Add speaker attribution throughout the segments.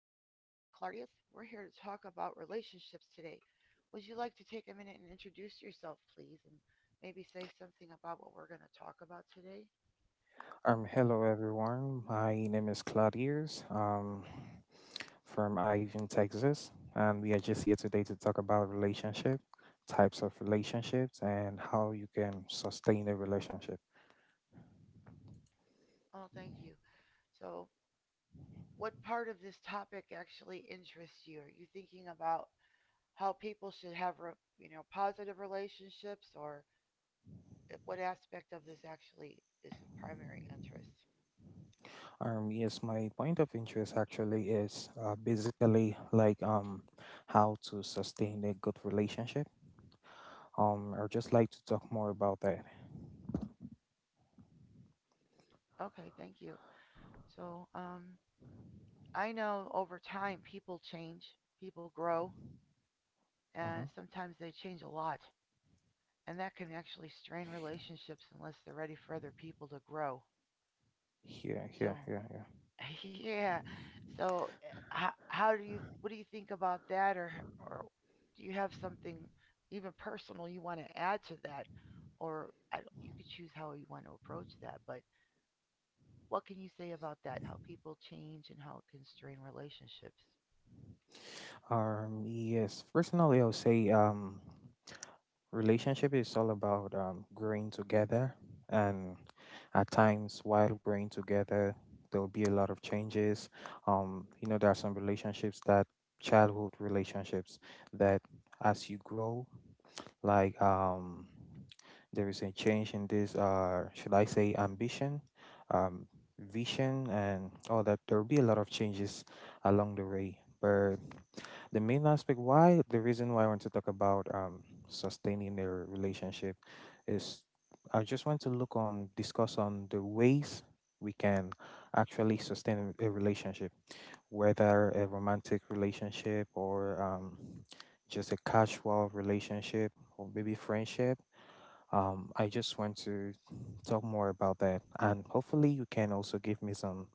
Speaker 1: Claudius. We're here to talk about relationships today. Would you like to take a minute and introduce yourself, please, and maybe say something about what we're going to talk about today?
Speaker 2: Hello everyone. My name is Claudius. From Ivan, Texas, and we are just here today to talk about relationship, types of relationships, and how you can sustain a relationship.
Speaker 1: Oh, thank you. So, what part of this topic actually interests you? Are you thinking about how people should have positive relationships, or what aspect of this actually is of primary interest?
Speaker 2: Yes, my point of interest actually is basically like how to sustain a good relationship. I'd just like to talk more about that.
Speaker 1: Okay, thank you. So, I know over time people change, people grow, and
Speaker 2: Uh-huh.
Speaker 1: sometimes they change a lot. And that can actually strain relationships unless they're ready for other people to grow.
Speaker 2: Yeah, yeah,
Speaker 1: So,
Speaker 2: yeah, yeah.
Speaker 1: yeah. So, what do you think about that? Or do you have something even personal you want to add to that? Or I, don't- You could choose how you want to approach that. But what can you say about that? How people change and how it can strain relationships?
Speaker 2: Yes. Personally, I'll say. Relationship is all about growing together, and at times while growing together, there'll be a lot of changes. There are some relationships that childhood relationships that as you grow, like um, there is a change in this, should I say, ambition, um, vision, and all that. There will be a lot of changes along the way, but the main aspect why the reason why I want to talk about sustaining their relationship is I just want to look on discuss on the ways we can actually sustain a relationship, whether a romantic relationship or just a casual relationship or maybe friendship. I just want to talk more about that, and hopefully you can also give me some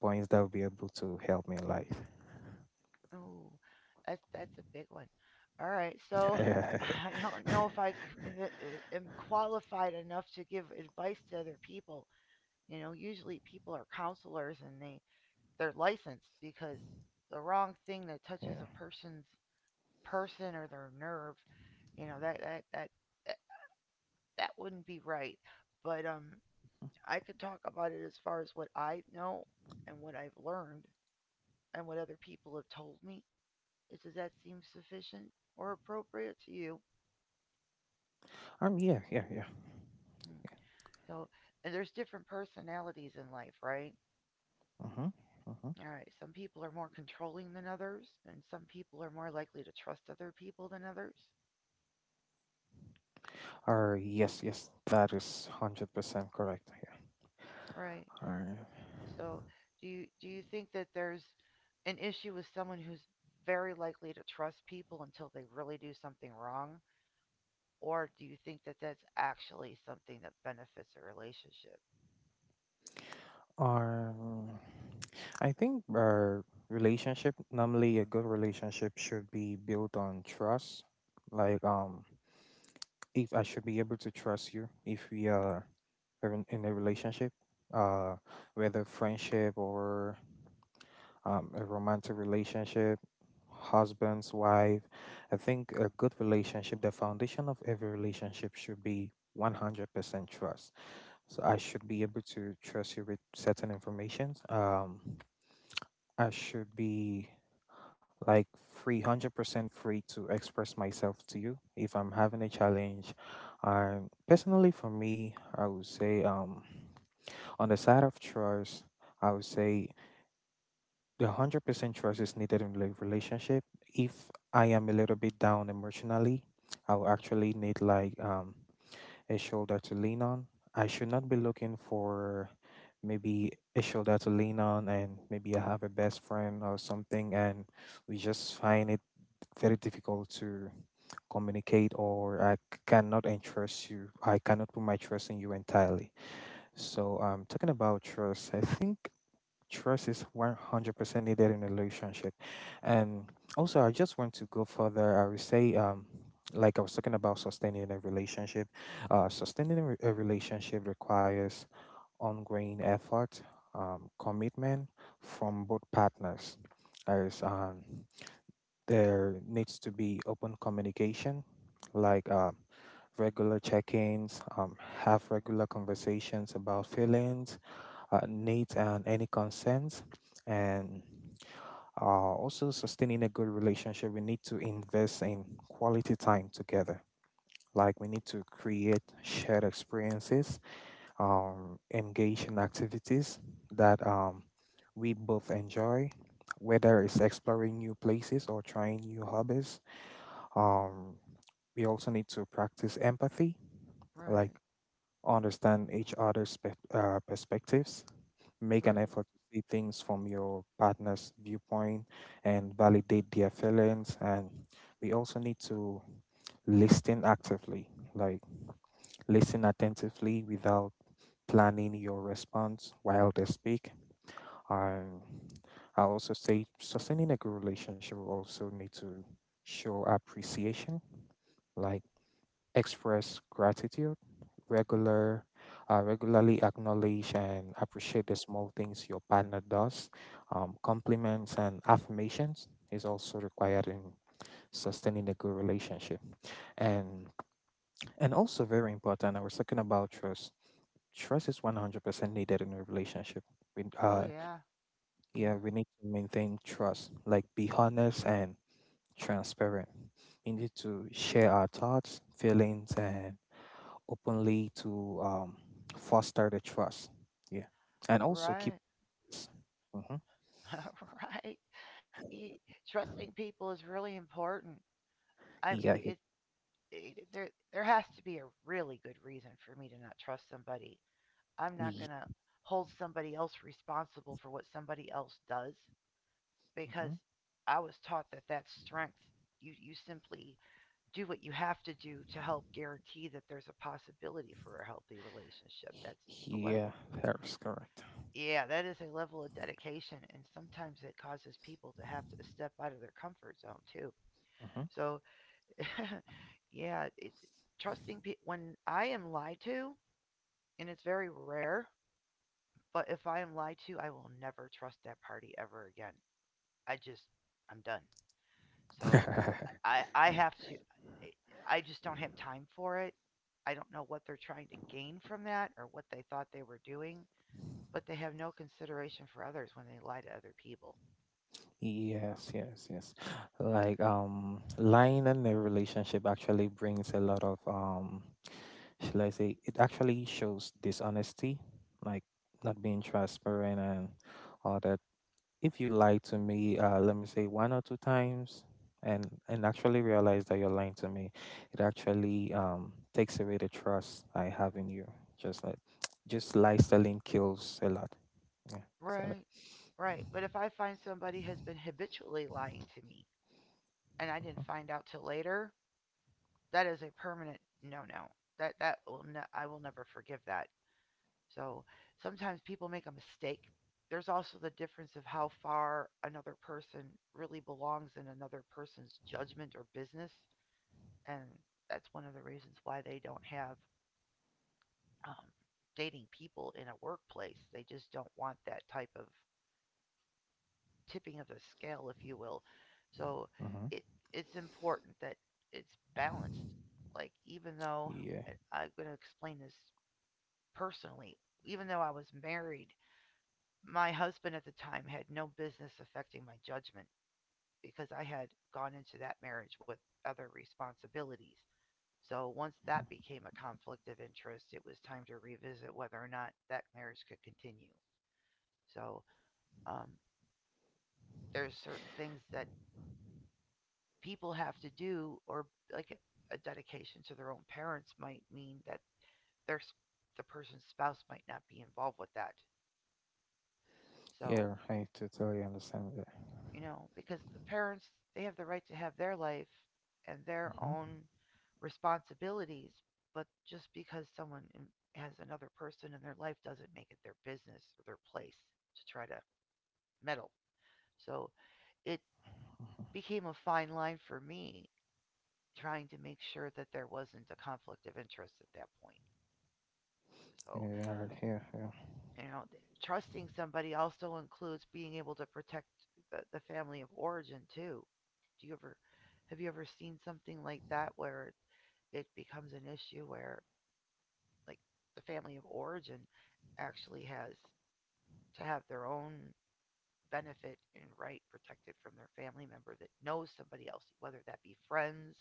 Speaker 2: points that will be able to help me in life.
Speaker 1: Oh, that's a big one. All right, so
Speaker 2: Yeah.
Speaker 1: I don't know if I am qualified enough to give advice to other people. You know, usually people are counselors and they're licensed because the wrong thing that touches a person's person or their nerve, you know, that that that that, that wouldn't be right. But I could talk about it as far as what I know and what I've learned and what other people have told me. Does that seem sufficient or appropriate to you?
Speaker 2: Yeah. Yeah. Yeah.
Speaker 1: Mm. So, and there's different personalities in life, right?
Speaker 2: Mm-hmm. Mm-hmm.
Speaker 1: All right. Some people are more controlling than others, and some people are more likely to trust other people than others,
Speaker 2: Or yes, yes, that is 100% correct. Yeah.
Speaker 1: right?
Speaker 2: Or,
Speaker 1: So, do you think that there's an issue with someone who's very likely to trust people until they really do something wrong, or do you think that that's actually something that benefits a relationship?
Speaker 2: or mm, I think our relationship, normally a good relationship should be built on trust. Like if I should be able to trust you if we are in a relationship, uh, whether friendship or a romantic relationship, husband's wife. I think a good relationship, the foundation of every relationship should be 100% trust. So I should be able to trust you with certain information. I should be like free, 100% free to express myself to you if I'm having a challenge. Personally, for me, I would say on the side of trust, I would say the 100% trust is needed in a relationship. If I am a little bit down emotionally, I'll actually need like a shoulder to lean on. I should not be looking for maybe a shoulder to lean on, and maybe I have a best friend or something and we just find it very difficult to communicate, or I cannot entrust you. I cannot put my trust in you entirely. So talking about trust, I think trust is 100% needed in a relationship. And also, I just want to go further. I would say, like I was talking about sustaining a relationship, sustaining a relationship requires ongoing effort, commitment from both partners. As there needs to be open communication, like regular check ins, have regular conversations about feelings, needs and any concerns. And uh, also sustaining a good relationship, we need to invest in quality time together. Like we need to create shared experiences, engage in activities that we both enjoy, whether it's exploring new places or trying new hobbies. Um, we also need to practice empathy, like
Speaker 1: Right.
Speaker 2: understand each other's perspectives, make an
Speaker 1: Right.
Speaker 2: effort to see things from your partner's viewpoint, and validate their feelings, and we also need to listen actively, like listen attentively without planning your response while they speak. um, I also say sustaining a good relationship will also need to show appreciation, like express gratitude, regular, regularly acknowledge and appreciate the small things your partner does. Compliments and affirmations is also required in sustaining a good relationship. And and also very important, I was talking about trust. Trust is 100% needed in a relationship. We,
Speaker 1: Oh
Speaker 2: uh,
Speaker 1: yeah.
Speaker 2: yeah,
Speaker 1: Yeah.
Speaker 2: we need to maintain trust, like be honest and transparent. We need to share our thoughts, feelings, and openly to foster the trust. Yeah, and also keep.
Speaker 1: Right.
Speaker 2: Mm-hmm.
Speaker 1: Right. Y- Trusting people is really important. I
Speaker 2: Yeah,
Speaker 1: it, it there has to be a really good reason for me to not trust somebody. I'm not
Speaker 2: he,
Speaker 1: going to hold somebody else responsible for what somebody else does because
Speaker 2: mhm.
Speaker 1: I was taught that that's strength. You simply do what you have to do to help guarantee that there's a possibility for a healthy relationship. That's let alone.
Speaker 2: Yeah, that is correct.
Speaker 1: Yeah, that is a level of dedication, and sometimes it causes people to have to step out of their comfort zone too.
Speaker 2: Mhm.
Speaker 1: So, yeah, when I am lied to, and it's very rare, but if I am lied to, I will never trust that party ever again. I just, I'm done. So, I I have to, I just don't have time for it. I don't know what they're trying to gain from that or what they thought they were doing, but they have no consideration for others when they lie to other people.
Speaker 2: Yes, yes, yes. Like lying in a relationship actually brings a lot of shall I say? It actually shows dishonesty, like not being transparent and all. If you lie to me, let me say one or two times, and actually realize that you're lying to me, it actually takes away the trust I have in you. Just like, just lie selling kills a lot. Yeah, say that.
Speaker 1: Right. Right. But if I find somebody has been habitually lying to me and I
Speaker 2: Mm-hmm.
Speaker 1: didn't find out till later, that is a permanent no no. I will never forgive that. So sometimes people make a mistake. There's also the difference of how far another person really belongs in another person's judgment or business, and that's one of the reasons why they don't have um, dating people in a workplace. They just don't want that type of tipping of the scale, if you will. So
Speaker 2: Mm-hmm.
Speaker 1: it it's important that it's balanced. Like even though
Speaker 2: Yeah,
Speaker 1: I'm going to explain this personally, even though I was married, my husband at the time had no business affecting my judgment because I had gone into that marriage with other responsibilities. So once that became a conflict of interest, it was time to revisit whether or not that marriage could continue. So um, there's certain things that people have to do, or like a dedication to their own parents might mean that their the person's spouse might not be involved with that, so
Speaker 2: yeah, I totally understand that.
Speaker 1: because the parents, they have the right to have their life and their
Speaker 2: Mm-hmm.
Speaker 1: own responsibilities, but just because someone has another person in their life doesn't make it their business or their place to try to meddle, so it became a fine line for me trying to make sure that there wasn't a conflict of interest at that point.
Speaker 2: Yeah,
Speaker 1: So,
Speaker 2: yeah, yeah, yeah.
Speaker 1: you know, trusting somebody also includes being able to protect the family of origin too. Do you ever Have you ever seen something like that where it becomes an issue where, like, the family of origin actually has to have their own benefit and right protected from their family member that knows somebody else, whether that be friends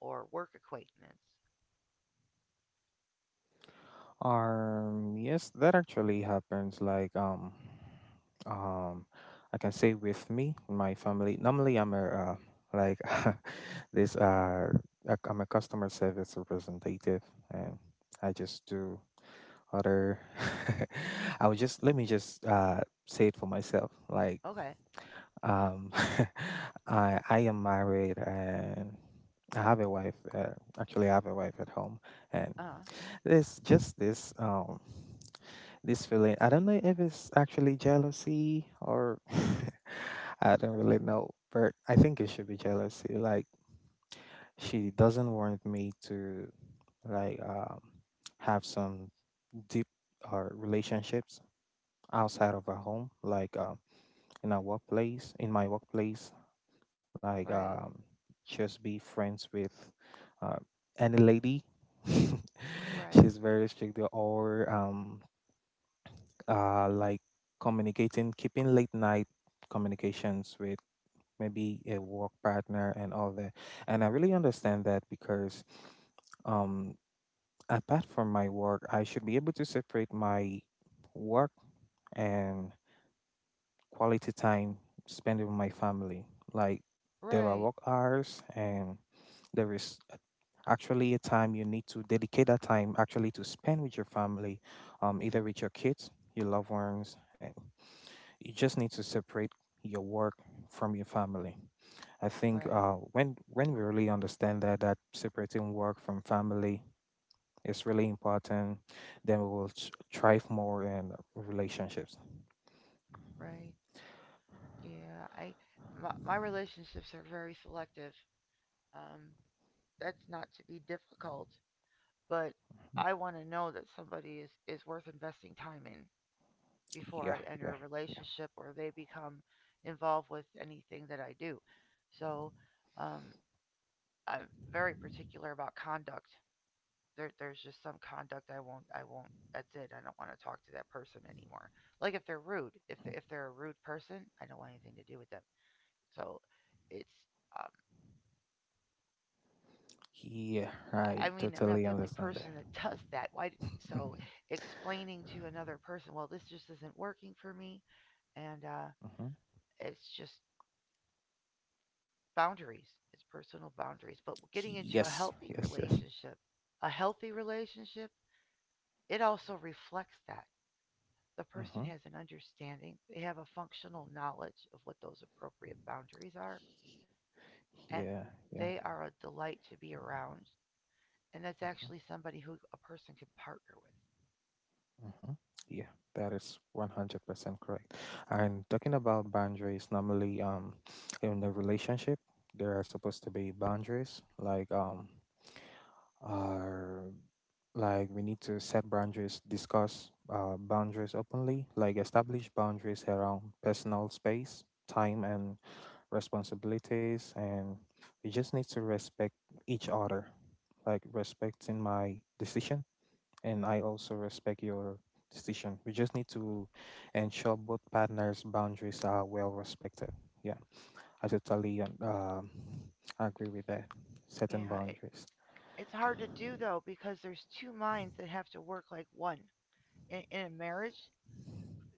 Speaker 1: or work acquaintance?
Speaker 2: Yes, that actually happens. Like, um, I can say with me, my family. Normally, I'm a like this. I'm a customer service representative, and I just do other. I would just let me just say it for myself. Like,
Speaker 1: Okay.
Speaker 2: um, I am married and I have a wife. Actually, I have a wife at home, and
Speaker 1: Uh,
Speaker 2: there's just this feeling. I don't know if it's actually jealousy or I don't really know, but I think it should be jealousy. Like she doesn't want me to like have some deep or relationships outside of our home, like in our workplace, in my workplace, like
Speaker 1: right,
Speaker 2: just be friends with uh, any lady.
Speaker 1: right,
Speaker 2: She's very strict or like communicating, keeping late night communications with maybe a work partner and all that. And I really understand that because um, apart from my work, I should be able to separate my work and quality time spent with my family. Like there are
Speaker 1: right,
Speaker 2: work hours, and There is a- actually a time you need to dedicate that time actually to spend with your family, either with your kids, your loved ones. And you just need to separate your work from your family. I think
Speaker 1: right,
Speaker 2: when we really understand that separating work from family is really important, then we will thrive more in relationships.
Speaker 1: right. Yeah, my relationships are very selective. Um, that's not to be difficult, but I want to know that somebody is worth investing time in before
Speaker 2: Yeah,
Speaker 1: I enter
Speaker 2: yeah,
Speaker 1: a
Speaker 2: yeah,
Speaker 1: relationship or they become involved with anything that I do. So, um, I'm very particular about conduct. There's just some conduct I won't. That's it. I don't want to talk to that person anymore. Like if they're rude, if they're a rude person, I don't want anything to do with them. So, it's
Speaker 2: yeah.
Speaker 1: I
Speaker 2: I
Speaker 1: mean, I'm not
Speaker 2: totally
Speaker 1: the only
Speaker 2: understand
Speaker 1: person
Speaker 2: that.
Speaker 1: that does that. Why? So explaining to another person, well, this just isn't working for me, and
Speaker 2: Mhm.
Speaker 1: it's just boundaries. It's personal boundaries. But getting into a
Speaker 2: Yes,
Speaker 1: healthy
Speaker 2: yes, yes.
Speaker 1: relationship, a healthy relationship, it also reflects that the person
Speaker 2: Mm-hmm.
Speaker 1: has an understanding. They have a functional knowledge of what those appropriate boundaries are, and
Speaker 2: Yeah, yeah.
Speaker 1: they are a delight to be around. And that's
Speaker 2: Uh-huh,
Speaker 1: actually somebody who a person can partner
Speaker 2: uh-huh. Yeah, that is 100% correct. And talking about boundaries, normally in the relationship, there are supposed to be boundaries, like are like we need to set boundaries, discuss boundaries openly, like establish boundaries around personal space, time and responsibilities, and we just need to respect each other. Like respecting my decision, and I also respect your decision. We just need to ensure both partners' boundaries are well respected. Yeah, I totally agree with that.
Speaker 1: with.
Speaker 2: Setting
Speaker 1: Yeah,
Speaker 2: boundaries.
Speaker 1: it's hard to do though because there's two minds that have to work like one. In a marriage,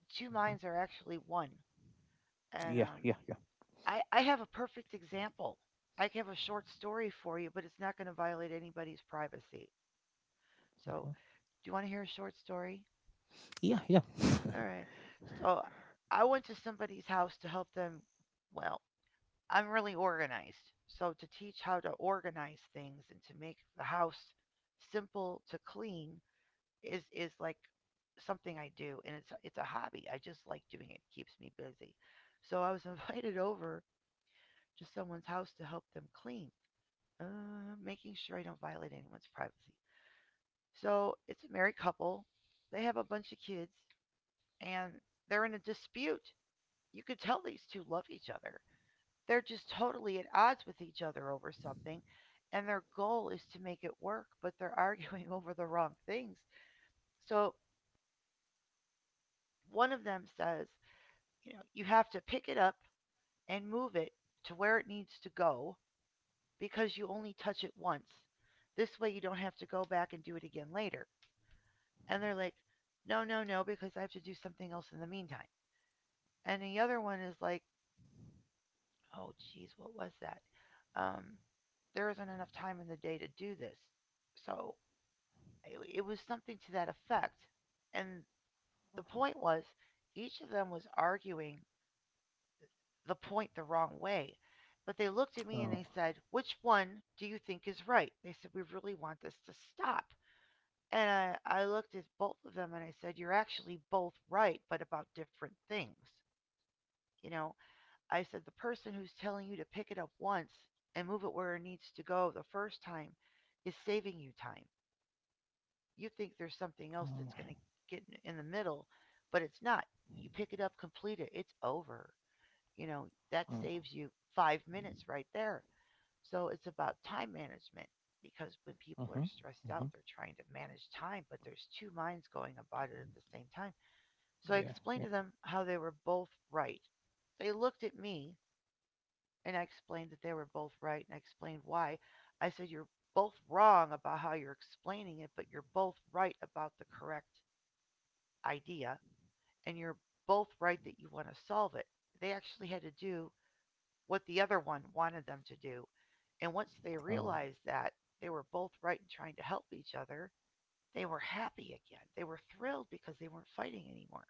Speaker 1: two
Speaker 2: Hmm.
Speaker 1: minds are actually one. And
Speaker 2: Yeah, yeah, yeah.
Speaker 1: I have a perfect example. I can have a short story for you, but it's not going to violate anybody's privacy.
Speaker 2: Hmm.
Speaker 1: So, do you want to hear a short story?
Speaker 2: Yeah, yeah.
Speaker 1: All right. So, I went to somebody's house to help them. Well, I'm really organized. So, to teach how to organize things and to make the house simple to clean, is like something I do, and it's a hobby. I just like doing it. It keeps me busy. So I was invited over to someone's house to help them clean, uh, making sure I don't violate anyone's privacy. So it's a married couple. They have a bunch of kids, and they're in a dispute. You could tell these two love each other. They're just totally at odds with each other over something, and their goal is to make it work, but they're arguing over the wrong things. So one of them says, "You know you have to pick it up and move it to where it needs to go because you only touch it once. This way you don't have to go back and do it again later." And they're like, "No, no, no, because I have to do something else in the meantime." And the other one is like, "Oh geez, what was that? um, there isn't enough time in the day to do this." So it was something to that effect, and the point was, each of them was arguing the point the wrong way. But they looked at me and
Speaker 2: Oh,
Speaker 1: they said, "Which one do you think is right?" They said, "We really want this to stop." And I looked at both of them and I said, "You're actually both right, but about different things." You know, I said, "The person who's telling you to pick it up once and move it where it needs to go the first time is saving you time. You think there's something else
Speaker 2: oh,
Speaker 1: that's going to get in the middle, but it's not. You pick it up, complete it, it's over. You know, that
Speaker 2: oh,
Speaker 1: saves you 5 minutes right there." So it's about time management, because when people are
Speaker 2: uh-huh,
Speaker 1: stressed
Speaker 2: uh-huh.
Speaker 1: out, they're trying to manage time, but there's two minds going about it at the same time. So I
Speaker 2: Yeah,
Speaker 1: explained
Speaker 2: yeah.
Speaker 1: to them how they were both right. They looked at me, and I explained that they were both right and I explained why. I said, "You're both wrong about how you're explaining it, but you're both right about the correct idea, and you're both right that you want to solve it." They actually had to do what the other one wanted them to do. And once they
Speaker 2: Oh,
Speaker 1: realized that they were both right in trying to help each other, they were happy again. They were thrilled because they weren't fighting anymore.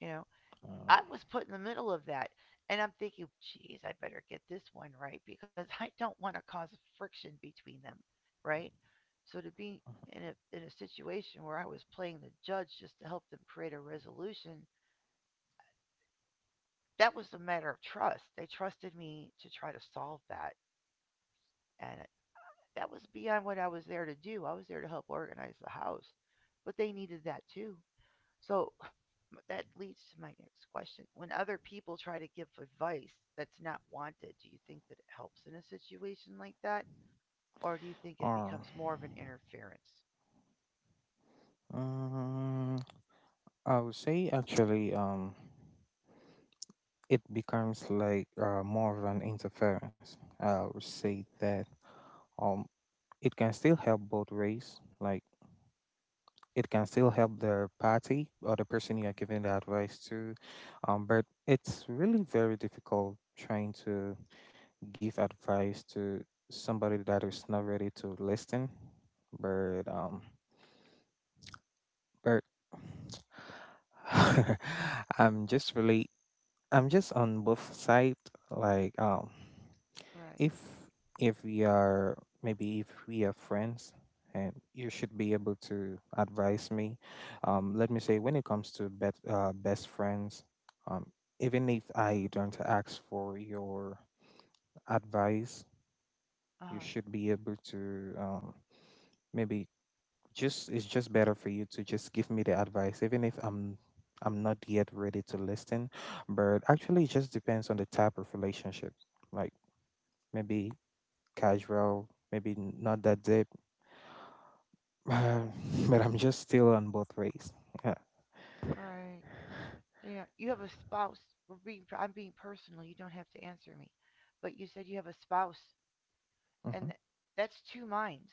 Speaker 1: You know,
Speaker 2: oh,
Speaker 1: I was put in the middle of that. And I'm thinking, geez, I better get this one right because I don't want to cause friction between them, right? So to be in a situation where I was playing the judge just to help them create a resolution, that was a matter of trust. They trusted me to try to solve that, and that was beyond what I was there to do. I was there to help organize the house, but they needed that too. So that leads to my next question. When other people try to give advice that's not wanted, do you think that it helps in a situation like that? Or do you think it
Speaker 2: uh-huh.
Speaker 1: becomes more of an interference?
Speaker 2: Um, I would say actually. It becomes like more of an interference. I would say that um, it can still help both ways. Like it can still help the party or the person you are giving the advice to, but it's really very difficult trying to give advice to somebody that is not ready to listen. But um, but I'm just really I'm just on both sides. Like.
Speaker 1: Right.
Speaker 2: if if we are, maybe if we are friends, and you should be able to advise me, let me say when it comes to best friends, um, even if I don't ask for your advice,
Speaker 1: Uh
Speaker 2: you
Speaker 1: huh.
Speaker 2: should be able to maybe just it's just better for you to just give me the advice, even if I'm not yet ready to listen. But actually it just depends on the type of relationship, like maybe casual, maybe not that deep, but I'm just still on both ways. Yeah.
Speaker 1: Right. Yeah, you have a spouse. I'm being personal. You don't have to answer me. But you said you have a spouse,
Speaker 2: Mm-hmm.
Speaker 1: and that's two minds,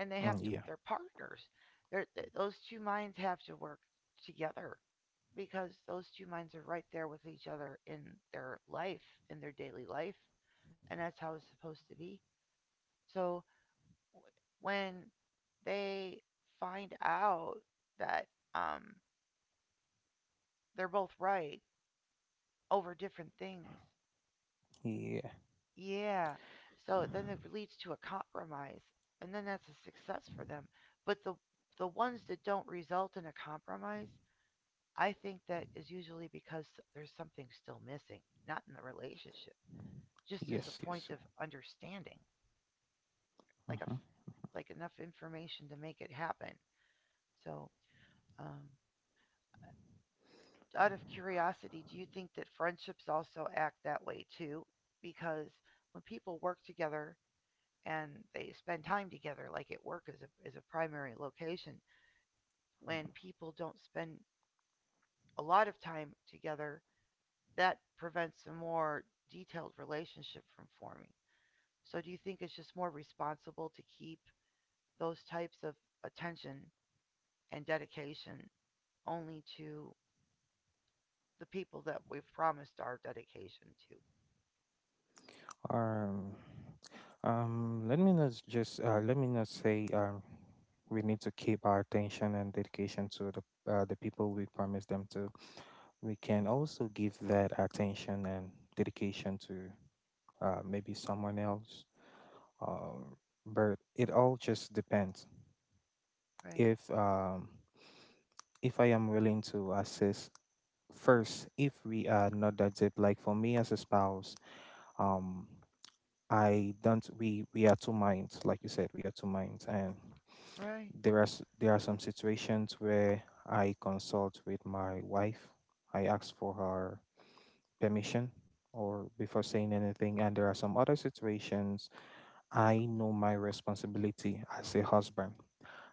Speaker 1: and they
Speaker 2: Mm,
Speaker 1: have to
Speaker 2: yeah.
Speaker 1: they're partners. Those two minds have to work together because those two minds are right there with each other in their life, in their daily life, and that's how it's supposed to be. So w- when they find out that um they're both right over different things,
Speaker 2: Yeah.
Speaker 1: yeah, so then it leads to a compromise and then that's a success for them. But the ones that don't result in a compromise, I think that is usually because there's something still missing, not in the relationship, just as
Speaker 2: Yes.
Speaker 1: a
Speaker 2: Yes.
Speaker 1: point of understanding,
Speaker 2: Yeah.
Speaker 1: like a,
Speaker 2: Mm-hmm.
Speaker 1: like enough information to make it happen. So, um, out of curiosity, do you think that friendships also act that way too? Because when people work together and they spend time together, like at work is a primary location, when people don't spend a lot of time together, that prevents a more detailed relationship from forming. So do you think it's just more responsible to keep those types of attention and dedication only to the people that we've promised our dedication to?
Speaker 2: Um. Let me not just. Let me not say. We need to keep our attention and dedication to the people we promise them to. We can also give that attention and dedication to maybe someone else, uh, but it all just depends,
Speaker 1: Right.
Speaker 2: if um if I am willing to assist first, if we are not that deep, like for me as a spouse, um I don't, we are two minds, like you said, we are two minds, and
Speaker 1: Right.
Speaker 2: there are some situations where I consult with my wife, I ask for her permission or before saying anything, and there are some other situations I know my responsibility as a husband.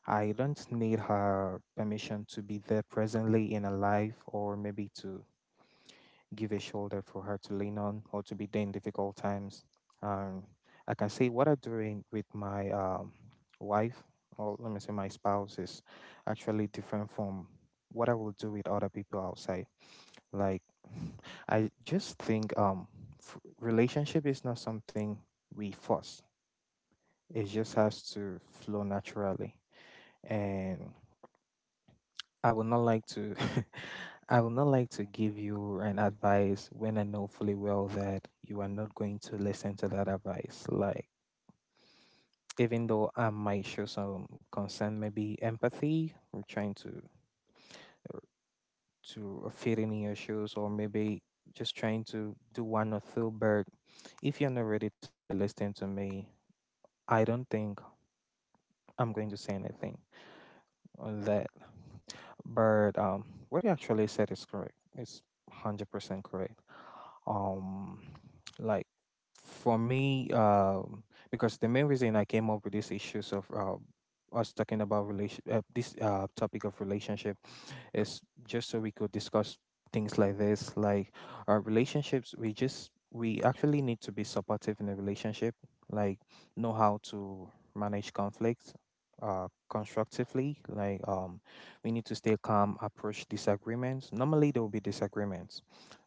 Speaker 2: I don't need her permission to be there presently in her life, or maybe to give a shoulder for her to lean on or to be there in difficult times. Um, like I can say what I'm doing with my wife, or let me say my spouse, is actually different from what I will do with other people outside. Like, I just think relationship is not something we force. It just has to flow naturally. And I would not like to I would not like to give you an advice when I know fully well that you are not going to listen to that advice. Like, even though I might show some concern, maybe empathy, I'm trying to fit in your shoes, or maybe just trying to do one or two, but if you're not ready to listen to me, I don't think I'm going to say anything on that. But what you actually said is correct. It's 100% correct. um like, for me, because the main reason I came up with these issues of us talking about relation this topic of relationship is just so we could discuss things like this. Like, our relationships, we actually need to be supportive in a relationship, like know how to manage conflict constructively. Like, we need to stay calm, approach disagreements. Normally there will be disagreements.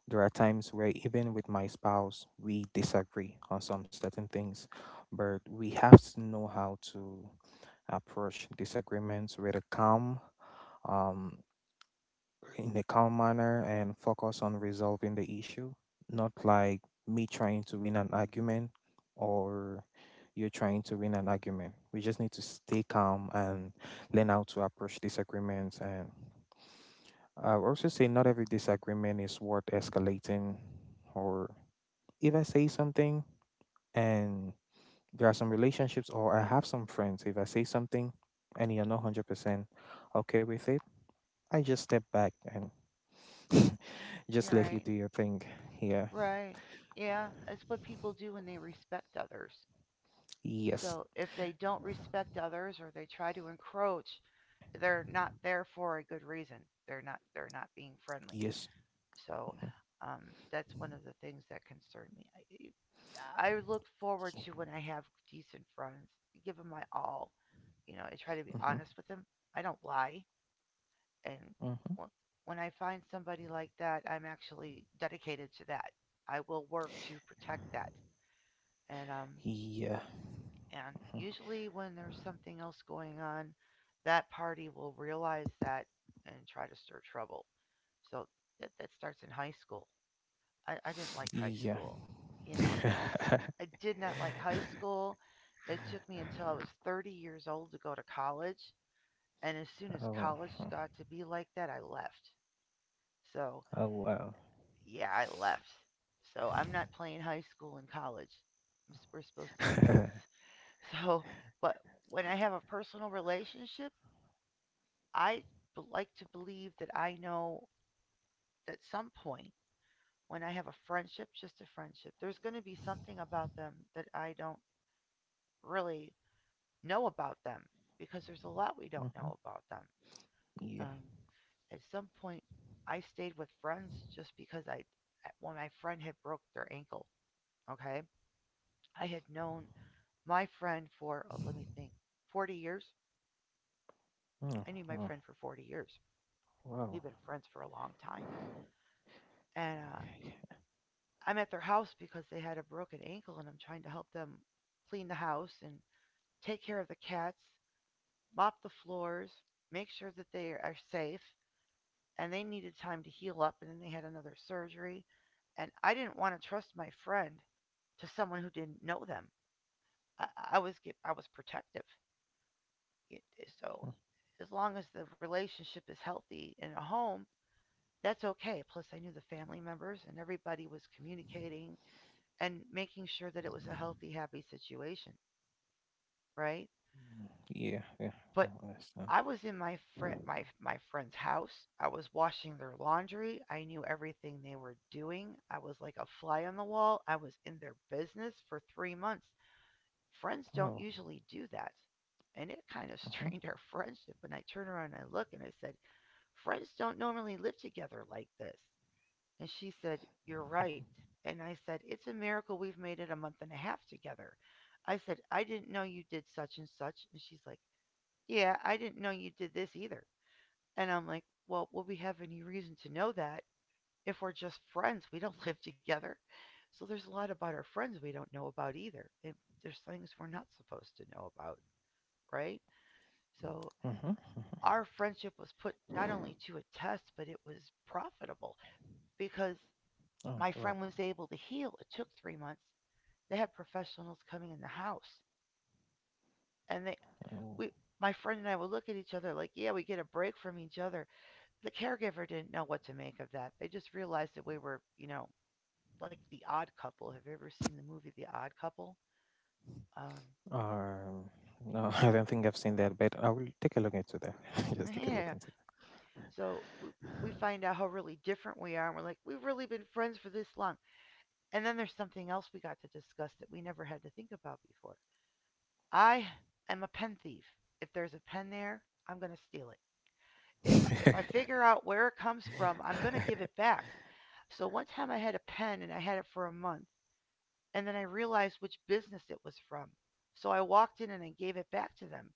Speaker 2: There are times where, even with my spouse, we disagree on some certain things, but we have to know how to approach disagreements with um, in a calm manner and focus on resolving the issue, not like me trying to win an argument, or you're trying to win an argument. We just need to stay calm and learn how to approach disagreements. And I would also say, not every disagreement is worth escalating. Or if I say something, and there are some relationships, or I have some friends, if I say something and you're not 100% okay with it, I just step back and just let you
Speaker 1: Right.
Speaker 2: do your thing. Here,
Speaker 1: Right. Yeah, that's what people do when they respect others.
Speaker 2: yes.
Speaker 1: So if they don't respect others or they try to encroach, they're not there for a good reason. They're not being friendly.
Speaker 2: Yes.
Speaker 1: So um, that's one of the things that concern me. I look forward to when I have decent friends, give them my all. You know, I try to be
Speaker 2: Mhm.
Speaker 1: honest with them. I don't lie. And when I find somebody like that, I'm actually dedicated to that. I will work to protect that. And um,
Speaker 2: Yeah.
Speaker 1: and
Speaker 2: Mm-hmm. Mm-hmm.
Speaker 1: usually when there's something else going on, that party will realize that and try to stir trouble. So that starts in high school. I didn't like high
Speaker 2: Yeah.
Speaker 1: school. You
Speaker 2: Mhm.
Speaker 1: know, you just
Speaker 2: Yeah.
Speaker 1: I did not like high school. It took me until I was 30 years old to go to college, and as soon as
Speaker 2: Oh.
Speaker 1: college
Speaker 2: Mhm.
Speaker 1: got to be like that, I left. So,
Speaker 2: Oh, wow.
Speaker 1: yeah, I left. So, I'm not playing high school and college. We're supposed to be
Speaker 2: Hmm.
Speaker 1: adults. So, but when I have a personal relationship, I like to believe that I know at some point, when I have a friendship, just a friendship, there's going to be something about them that I don't really know about them, because there's a lot we don't know about them.
Speaker 2: Yeah.
Speaker 1: Um, at some point, I stayed with friends just because when my friend had broke their ankle, okay, I had known my friend for, oh, let me think, 40 years.
Speaker 2: Mm,
Speaker 1: I knew my
Speaker 2: mm.
Speaker 1: friend for 40 years. We've
Speaker 2: Wow.
Speaker 1: been friends for a long time, and
Speaker 2: Yeah.
Speaker 1: I'm at their house because they had a broken ankle, and I'm trying to help them clean the house and take care of the cats, mop the floors, make sure that they are safe, and they needed time to heal up and then they had another surgery and I didn't want to trust my friend to someone who didn't know them. I, I was I was protective. It, so as long as the relationship is healthy in a home, that's okay. Plus I knew the family members and everybody was communicating and making sure that it was a healthy happy situation, right?
Speaker 2: Yeah. Yeah.
Speaker 1: But
Speaker 2: Oh, that's not-
Speaker 1: I was in my friend's house. I was washing their laundry. I knew everything they were doing. I was like a fly on the wall. I was in their business for 3 months. Friends don't
Speaker 2: oh.
Speaker 1: usually do that. And it kind of
Speaker 2: Mhm,
Speaker 1: strained our friendship and I turned around and I look and I said, "Friends don't normally live together like this." And she said, "You're right." And I said, "It's a miracle we've made it a month and a half together." I said, "I didn't know you did such and such." And she's like, "Yeah, I didn't know you did this either." And I'm like, well, will we have any reason to know that if we're just friends? We don't live together. So there's a lot about our friends we don't know about either. And there's things we're not supposed to know about, right? So
Speaker 2: mhm, mhm.
Speaker 1: our friendship was put not only to a test, but it was profitable because
Speaker 2: Oh,
Speaker 1: my
Speaker 2: well.
Speaker 1: friend was able to heal. It took 3 months. They had professionals coming in the house. And
Speaker 2: Oh,
Speaker 1: we, my friend and I would look at each other like, yeah, we get a break from each other. The caregiver didn't know what to make of that. They just realized that we were, you know, like the odd couple. Have you ever seen the movie The Odd Couple? Um,
Speaker 2: um, no, I don't think I've seen that, but I will take a look into that. Just take a look
Speaker 1: yeah.
Speaker 2: into
Speaker 1: So we find out how really different we are, and we're like, we've really been friends for this long. And then there's something else we got to discuss that we never had to think about before. I am a pen thief. If there's a pen there, I'm going to steal it.
Speaker 2: that.
Speaker 1: If I figure out where it comes from, I'm going to give it back. So one time I had a pen and I had it for a month and then I realized which business it was from. So I walked in and I gave it back to them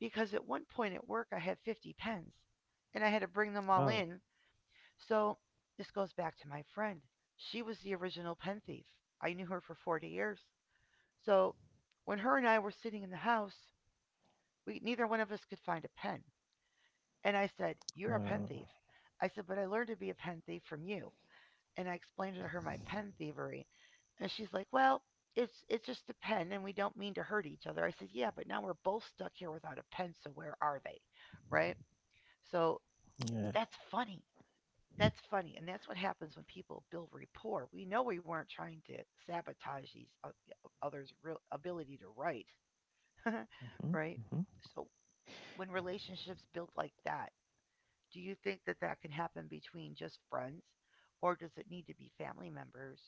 Speaker 1: because at one point at work I had 50 pens and I had to bring them all
Speaker 2: Oh,
Speaker 1: in. So this goes back to my friend. She was the original pen thief. I knew her for 40 years. So when her and I were sitting in the house, we neither one of us could find a pen. And I said, "You're a
Speaker 2: uh,
Speaker 1: pen thief." I said, "But I learned to be a pen thief from you." And I explained to her my pen thievery. And she's like, "Well, it's just a pen and we don't mean to hurt each other." I said, "Yeah, but now we're both stuck here without a pen, so where are they?" Right? So
Speaker 2: yeah.
Speaker 1: that's funny. That's funny, and that's what happens when people build rapport. We know we weren't trying to sabotage others' real ability to write, right?
Speaker 2: Mm-hmm.
Speaker 1: So when relationships build like that, do you think that that can happen between just friends, or does it need to be family members?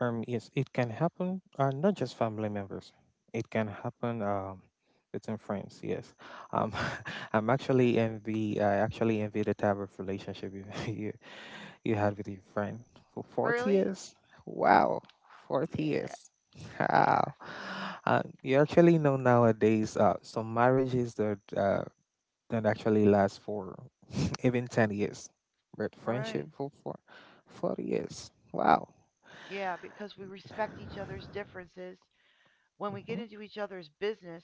Speaker 2: Yes, it can happen. Not just family members. It can happen, between friends. Yes, um, I'm actually envy. I actually envy the type of relationship you you, you had with your friend for 40
Speaker 1: Really?
Speaker 2: years. Wow, 40
Speaker 1: Yeah,
Speaker 2: years.
Speaker 1: yeah.
Speaker 2: Wow. You actually know nowadays, some marriages that, don't actually last for even 10 years, but
Speaker 1: Right.
Speaker 2: friendship for 40 years. Wow.
Speaker 1: Yeah, because we respect each other's differences. When we
Speaker 2: Mm-hmm.
Speaker 1: get into each other's business,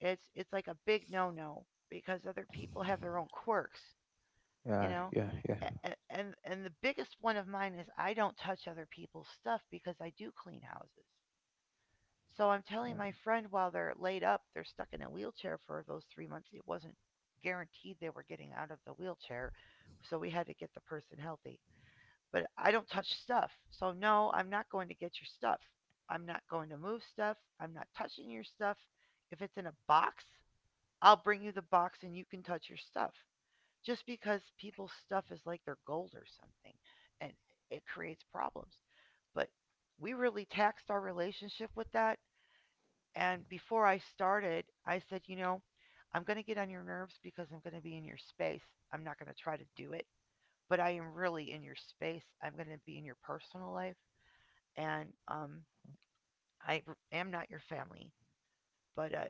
Speaker 1: it's like a big no-no because other people have their own quirks, you
Speaker 2: Yeah,
Speaker 1: know?
Speaker 2: yeah, yeah.
Speaker 1: And the biggest one of mine is I don't touch other people's stuff because I do clean houses. So I'm telling
Speaker 2: Mm,
Speaker 1: my friend while they're laid up, they're stuck in a wheelchair for those 3 months. It wasn't guaranteed they were getting out of the wheelchair, so we had to get the person healthy. But I don't touch stuff. So no, I'm not going to get your stuff. I'm not going to move stuff. I'm not touching your stuff. If it's in a box, I'll bring you the box and you can touch your stuff. Just because people's stuff is like their gold or something and it creates problems. But we really taxed our relationship with that. And before I started, I said, you know, I'm going to get on your nerves because I'm going to be in your space. I'm not going to try to do it but I am really in your space. I'm going to be in your personal life, and am not your family. But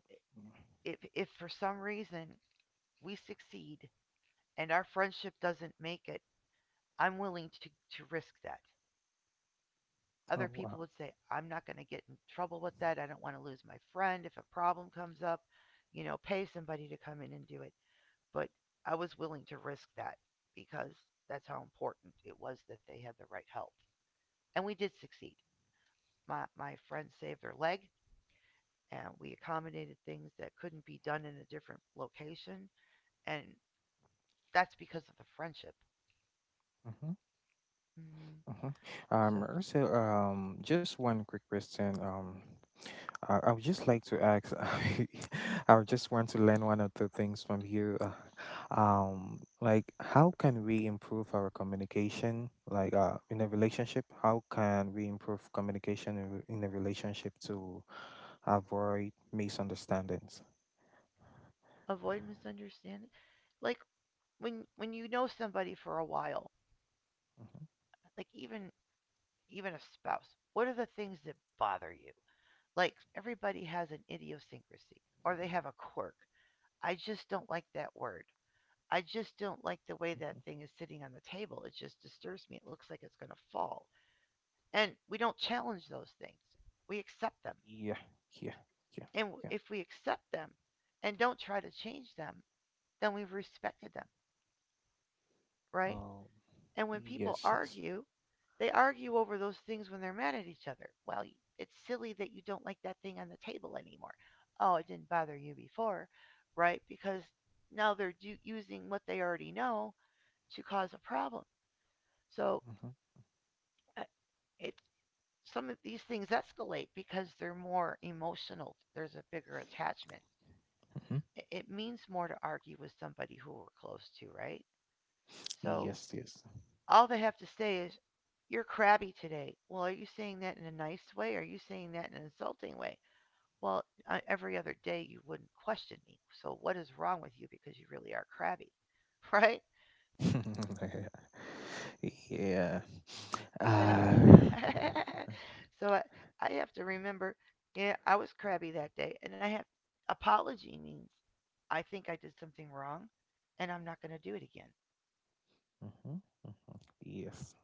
Speaker 1: if for some reason we succeed and our friendship doesn't make it, I'm willing to risk that. Other
Speaker 2: oh,
Speaker 1: people
Speaker 2: wow.
Speaker 1: would say, I'm not going to get in trouble with that. I don't want to lose my friend. If a problem comes up, you know, pay somebody to come in and do it. But I was willing to risk that because that's how important it was that they had the right help. And we did succeed. My friend saved their leg, and we accommodated things that couldn't be done in a different location, and that's because of the friendship.
Speaker 2: Mm-hmm.
Speaker 1: mm
Speaker 2: Mm-hmm.
Speaker 1: so
Speaker 2: Also, just one quick question. I would just like to ask. I would just want to learn one or two things from you. Like, how can we improve our communication? Like, in a relationship, how can we improve communication in a relationship to avoid misunderstandings?
Speaker 1: Avoid misunderstanding, like when you know somebody for a while,
Speaker 2: Mm-hmm,
Speaker 1: like even a spouse. What are the things that bother you? Like, everybody has an idiosyncrasy, or they have a quirk. I just don't like that word. I just don't like the way that
Speaker 2: mm-hmm.
Speaker 1: thing is sitting on the table. It just disturbs me. It looks like it's going to fall. And we don't challenge those things. We accept them.
Speaker 2: Yeah, yeah, yeah,
Speaker 1: And
Speaker 2: yeah.
Speaker 1: if we accept them and don't try to change them, then we've respected them, right?
Speaker 2: Um,
Speaker 1: And when people
Speaker 2: yes, yes.
Speaker 1: argue, they argue over those things when they're mad at each other. Well, it's silly that you don't like that thing on the table anymore. Oh, it didn't bother you before, right? Because now they're using what they already know to cause a problem. So
Speaker 2: Hmm,
Speaker 1: uh, it some of these things escalate because they're more emotional. There's a bigger attachment.
Speaker 2: hmm.
Speaker 1: It means more to argue with somebody who we're close to, right? So
Speaker 2: Yes, yes.
Speaker 1: all they have to say is, "You're crabby today." Well, are you saying that in a nice way? Are you saying that in an insulting way? Well, every other day you wouldn't question me. So what is wrong with you, because you really are crabby, right?
Speaker 2: Yeah.
Speaker 1: Then, I,
Speaker 2: Uh,
Speaker 1: so I, I have to remember, yeah, I was crabby that day, and I have— apology means I think I did something wrong, and I'm not going to do it again.
Speaker 2: mhm, mhm. Yes.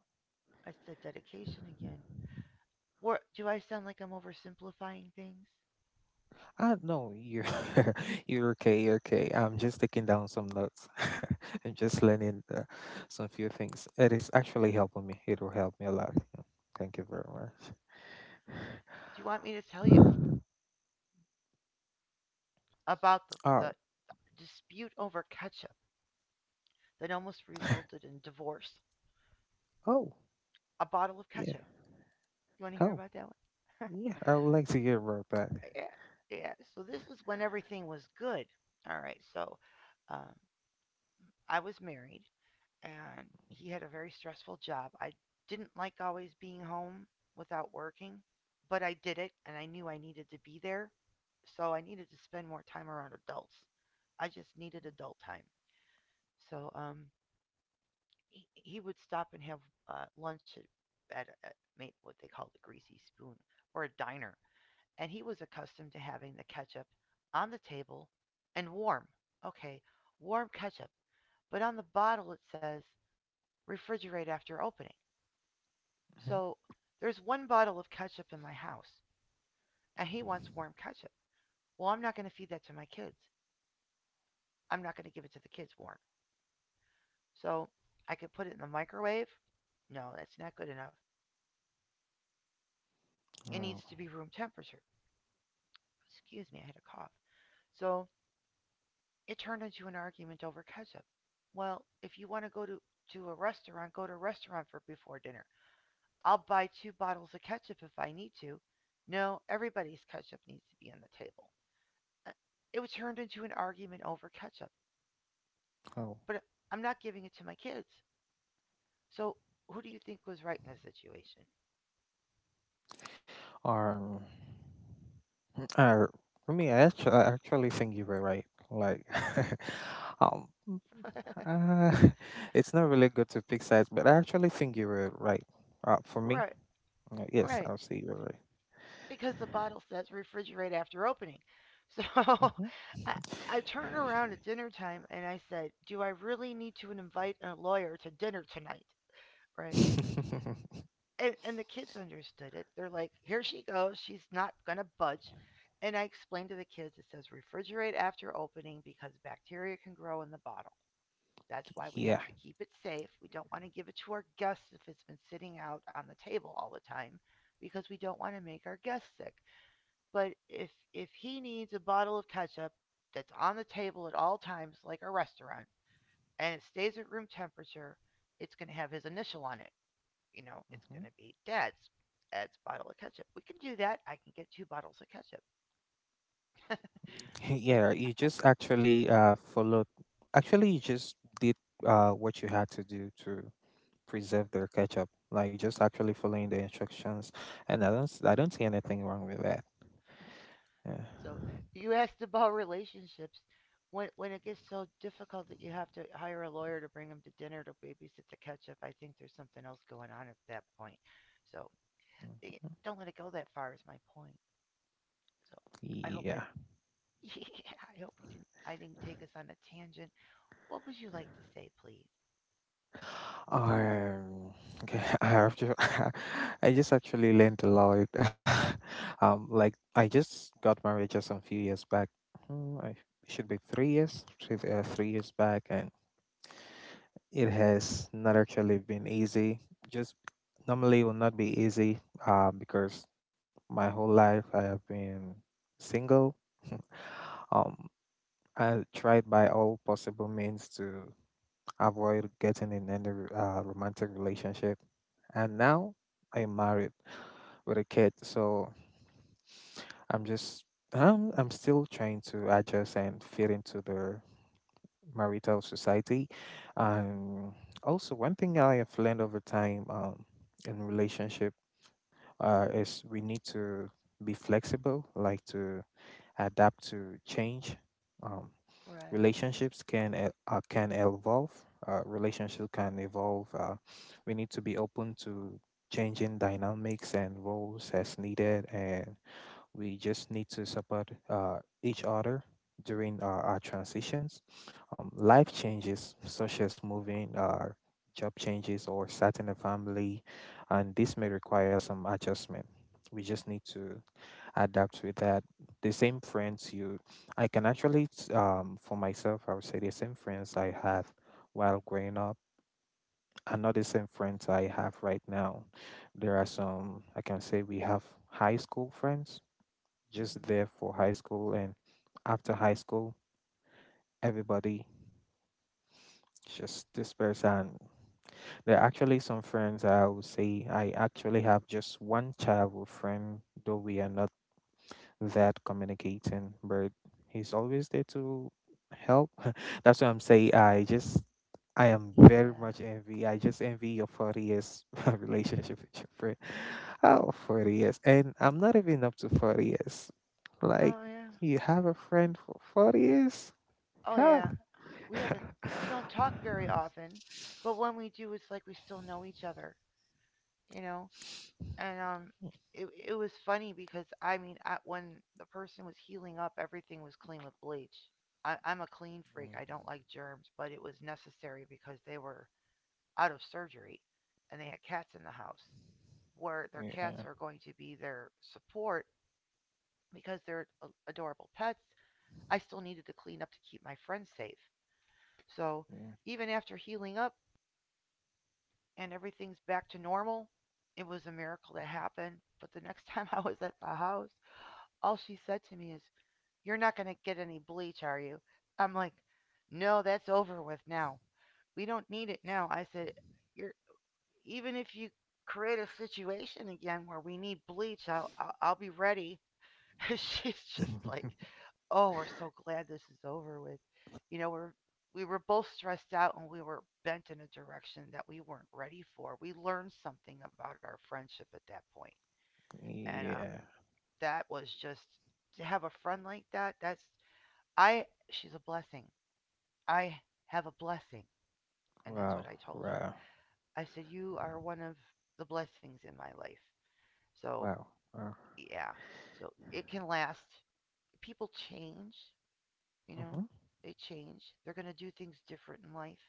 Speaker 1: It's that dedication again. What, do I sound like I'm oversimplifying things?
Speaker 2: I know, you're you're okay, you're okay. I'm just taking down some notes. I'm just learning, some few things. It is actually helping me. It will help me a lot. Yeah. Thank you very
Speaker 1: Do you want me to tell you
Speaker 2: much.
Speaker 1: about the,
Speaker 2: Um.
Speaker 1: the dispute over ketchup that almost resulted in divorce?
Speaker 2: Oh.
Speaker 1: A bottle of
Speaker 2: Yeah.
Speaker 1: ketchup. You want to hear
Speaker 2: Oh.
Speaker 1: about that one?
Speaker 2: Yeah. I would like to hear about that.
Speaker 1: Yeah, yeah. So this is when everything was good. All right. So um, I was married, and he had a very stressful job. I didn't like always being home without working, but I did it, and I knew I needed to be there. So I needed to spend more time around adults. I just needed adult time. So he would stop and have lunch at what they call the greasy spoon, or a diner. And he was accustomed to having the ketchup on the table and warm. Okay, warm ketchup. But on the bottle it says refrigerate after opening.
Speaker 2: Mhm.
Speaker 1: So there's one bottle of ketchup in my house, and he wants warm ketchup. Well, I'm not going to feed that to my kids. I'm not going to give it to the kids warm. So I could put it in the microwave. No, that's not good enough. It needs
Speaker 2: Oh.
Speaker 1: to be room temperature. Excuse me, I had a cough. So it turned into an argument over ketchup. Well, if you want to go to a restaurant, go to a restaurant for before dinner. I'll buy two bottles of ketchup if I need to. No, everybody's ketchup needs to be on the table. Uh, It was turned into an argument over ketchup,
Speaker 2: Oh.
Speaker 1: but I'm not giving it to my kids. So who do you think was right in this situation?
Speaker 2: Um. Uh, for me, I actually think you were right. Like, um, Uh, it's not really good to pick sides, but I actually think you were right. For me,
Speaker 1: Right,
Speaker 2: yes,
Speaker 1: right.
Speaker 2: I'll say you were
Speaker 1: Because the bottle says refrigerate after opening. So
Speaker 2: right. Hmm.
Speaker 1: I, I turned around at dinner time and I said, "Do I really need to invite a lawyer to dinner tonight?" Right. And the kids understood it. They're like, "Here she goes. She's not going to budge." And I explained to the kids it says refrigerate after opening because bacteria can grow in the bottle. That's why we
Speaker 2: Yeah.
Speaker 1: have to keep it safe. We don't want to give it to our guests if it's been sitting out on the table all the time, because we don't want to make our guests sick. But if he needs a bottle of ketchup that's on the table at all times like a restaurant, and it stays at room temperature, it's going to have his initial on it. You know, it's
Speaker 2: Hmm.
Speaker 1: going to be dad's bottle of ketchup. We can do that. I can get two bottles of ketchup. But
Speaker 2: Yeah, you
Speaker 1: I,
Speaker 2: just actually followed. Actually, you just did what you had to do to preserve the ketchup. Like, just actually following the instructions, and I don't see anything wrong with that. Yeah.
Speaker 1: So you asked about relationships. When it gets so difficult that you have to hire a lawyer to bring them to dinner to babysit to catch up, I think there's something else going on at that point. So eh,
Speaker 2: Mhm.
Speaker 1: don't let it go that far is my point. So I hope I—
Speaker 2: Yeah.
Speaker 1: yeah, I hope you didn't I didn't take us on a tangent. What would you like to say, please?
Speaker 2: Um, okay, I have to. I just actually learned a lot. Like, I just got married just a few years back. Hmm, I should be 3 years back, and it has not actually been easy. Just normally it will not be easy. Because my whole life I have been single. um, I tried by all possible means to avoid getting in any, romantic relationship. And now I am married with a kid, so I'm just I'm still trying to adjust and fit into the marital society. And also, one thing I have learned over time, in relationship, is we need to be flexible, like to adapt to change. Um,
Speaker 1: Right.
Speaker 2: Relationships can can evolve. Relationship can evolve. We need to be open to changing dynamics and roles as needed, and we just need to support, each other during our transitions. Life changes, such as moving, job changes, or starting a family, and this may require some adjustment. We just need to adapt with that. The same friends you, I can actually, s- for myself, I would say the same friends I had while growing up are not the same friends I have right now. There are some, I can say we have high school friends
Speaker 1: Hmm.
Speaker 2: just there for high school, and after high school everybody just dispersed. And there are actually some friends, I would say I actually have just one childhood friend, though we are not that communicating, but he's always there to help. That's what I'm saying. I am very
Speaker 1: Yeah.
Speaker 2: much envy. I just envy your 40 years relationship with your friend. Oh, 40 years. And I'm not even up to 40 years. Like,
Speaker 1: Oh yeah.
Speaker 2: you have a friend for 40 years?
Speaker 1: Oh
Speaker 2: Yeah.
Speaker 1: yeah. We haven't we don't talk very often, but when we do, it's like we still know each other. You know, and it it was funny because when the person was healing up, everything was clean with bleach. I'm a clean freak. I don't like germs, but it was necessary because they were out of surgery, and they had cats in the house, where their cats
Speaker 2: Yeah.
Speaker 1: are going to be their support, because they're adorable pets. I still needed to clean up to keep my friends safe. So
Speaker 2: Yeah.
Speaker 1: even after healing up and everything's back to normal, it was a miracle that happened. But the next time I was at the house, all she said to me is, "You're not going to get any bleach, are you?" I'm like, "No, that's over with now. We don't need it now." I said, "You're, even if you create a situation again where we need bleach, I'll be ready." She's just like, 'Oh, we're so glad this is over with.' You know, we were both stressed out, and we were bent in a direction that we weren't ready for. We learned something about our friendship at that point. And
Speaker 2: Yeah.
Speaker 1: that was just— to have a friend like that, that's— I. She's a blessing. I have a blessing, and that's
Speaker 2: Wow.
Speaker 1: what I told her.
Speaker 2: Wow.
Speaker 1: I said, you are one of the blessings in my life. So
Speaker 2: Wow. Wow.
Speaker 1: yeah, so it can last. People change, you
Speaker 2: Mm-hmm.
Speaker 1: know. They change. They're gonna do things different in life.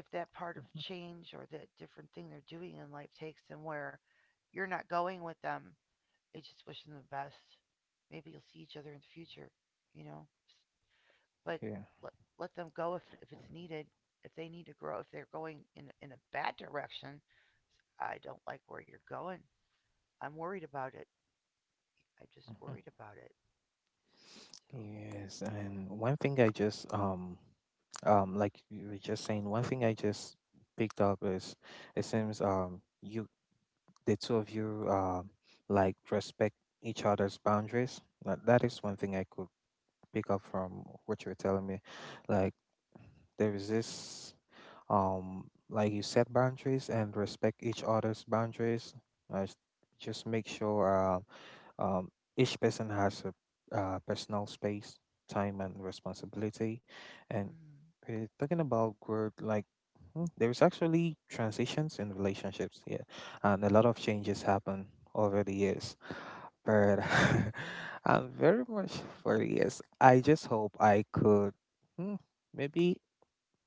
Speaker 1: If that part of
Speaker 2: Mm-hmm.
Speaker 1: change or that different thing they're doing in life takes them where you're not going with them, I just wish them the best. Maybe you'll see each other in the future, you know. But
Speaker 2: Okay.
Speaker 1: let, let them go if it's needed. If they need to grow, if they're going in a bad direction, I don't like where you're going. I'm worried about it. I'm just
Speaker 2: Mm-hmm.
Speaker 1: worried about it. So,
Speaker 2: Yes, and one thing I just like you were just saying, one thing I just picked up is, it seems you the two of you, like, respect each other's boundaries. That is one thing I could pick up from what you were telling me. Like, there is this, like, you set boundaries and respect each other's boundaries. Uh, s- just make sure, um, each person has a, personal space, time, and responsibility. And,
Speaker 1: mm,
Speaker 2: talking about growth, like, there is actually transitions in relationships here, and a lot of changes happen over the years. But I'm very much for the years. I just hope I could, hmm, maybe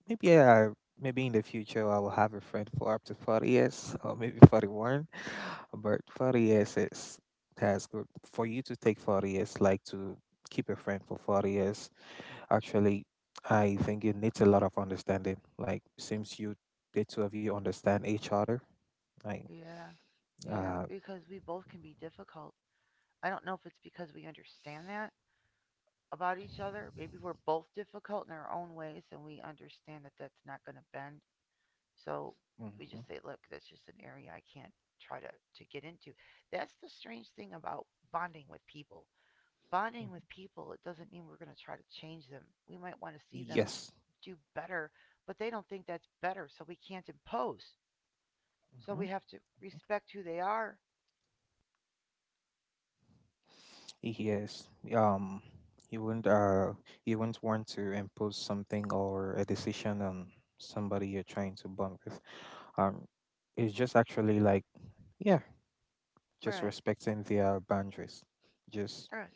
Speaker 2: Maybe yeah, maybe in the future I will have a friend for up to 40 years or maybe 41. But 40 years is that's good. For you to take 40 years, like, to keep a friend for 40 years, actually, I think it needs a lot of understanding. Like, since the two of you understand each other, like.
Speaker 1: yeah, yeah,
Speaker 2: uh,
Speaker 1: because we both can be difficult. I don't know if it's because we understand that about each other. Maybe we're both difficult in our own ways, and we understand that that's not going to bend. So we
Speaker 2: mhm,
Speaker 1: just say, look, that's just an area I can't try to get into. That's the strange thing about bonding with people.
Speaker 2: mhm.
Speaker 1: Bonding with people, it doesn't mean we're going to try to change them. We might want to see them
Speaker 2: Yes.
Speaker 1: do better, but they don't think that's better, so we can't impose. So
Speaker 2: Mhm.
Speaker 1: we have to respect who they are.
Speaker 2: Yes. You wouldn't uh you wouldn't want to impose something or a decision on somebody you're trying to bond with. Um, it's just actually like, yeah, just
Speaker 1: Right,
Speaker 2: respecting their boundaries. Just
Speaker 1: right.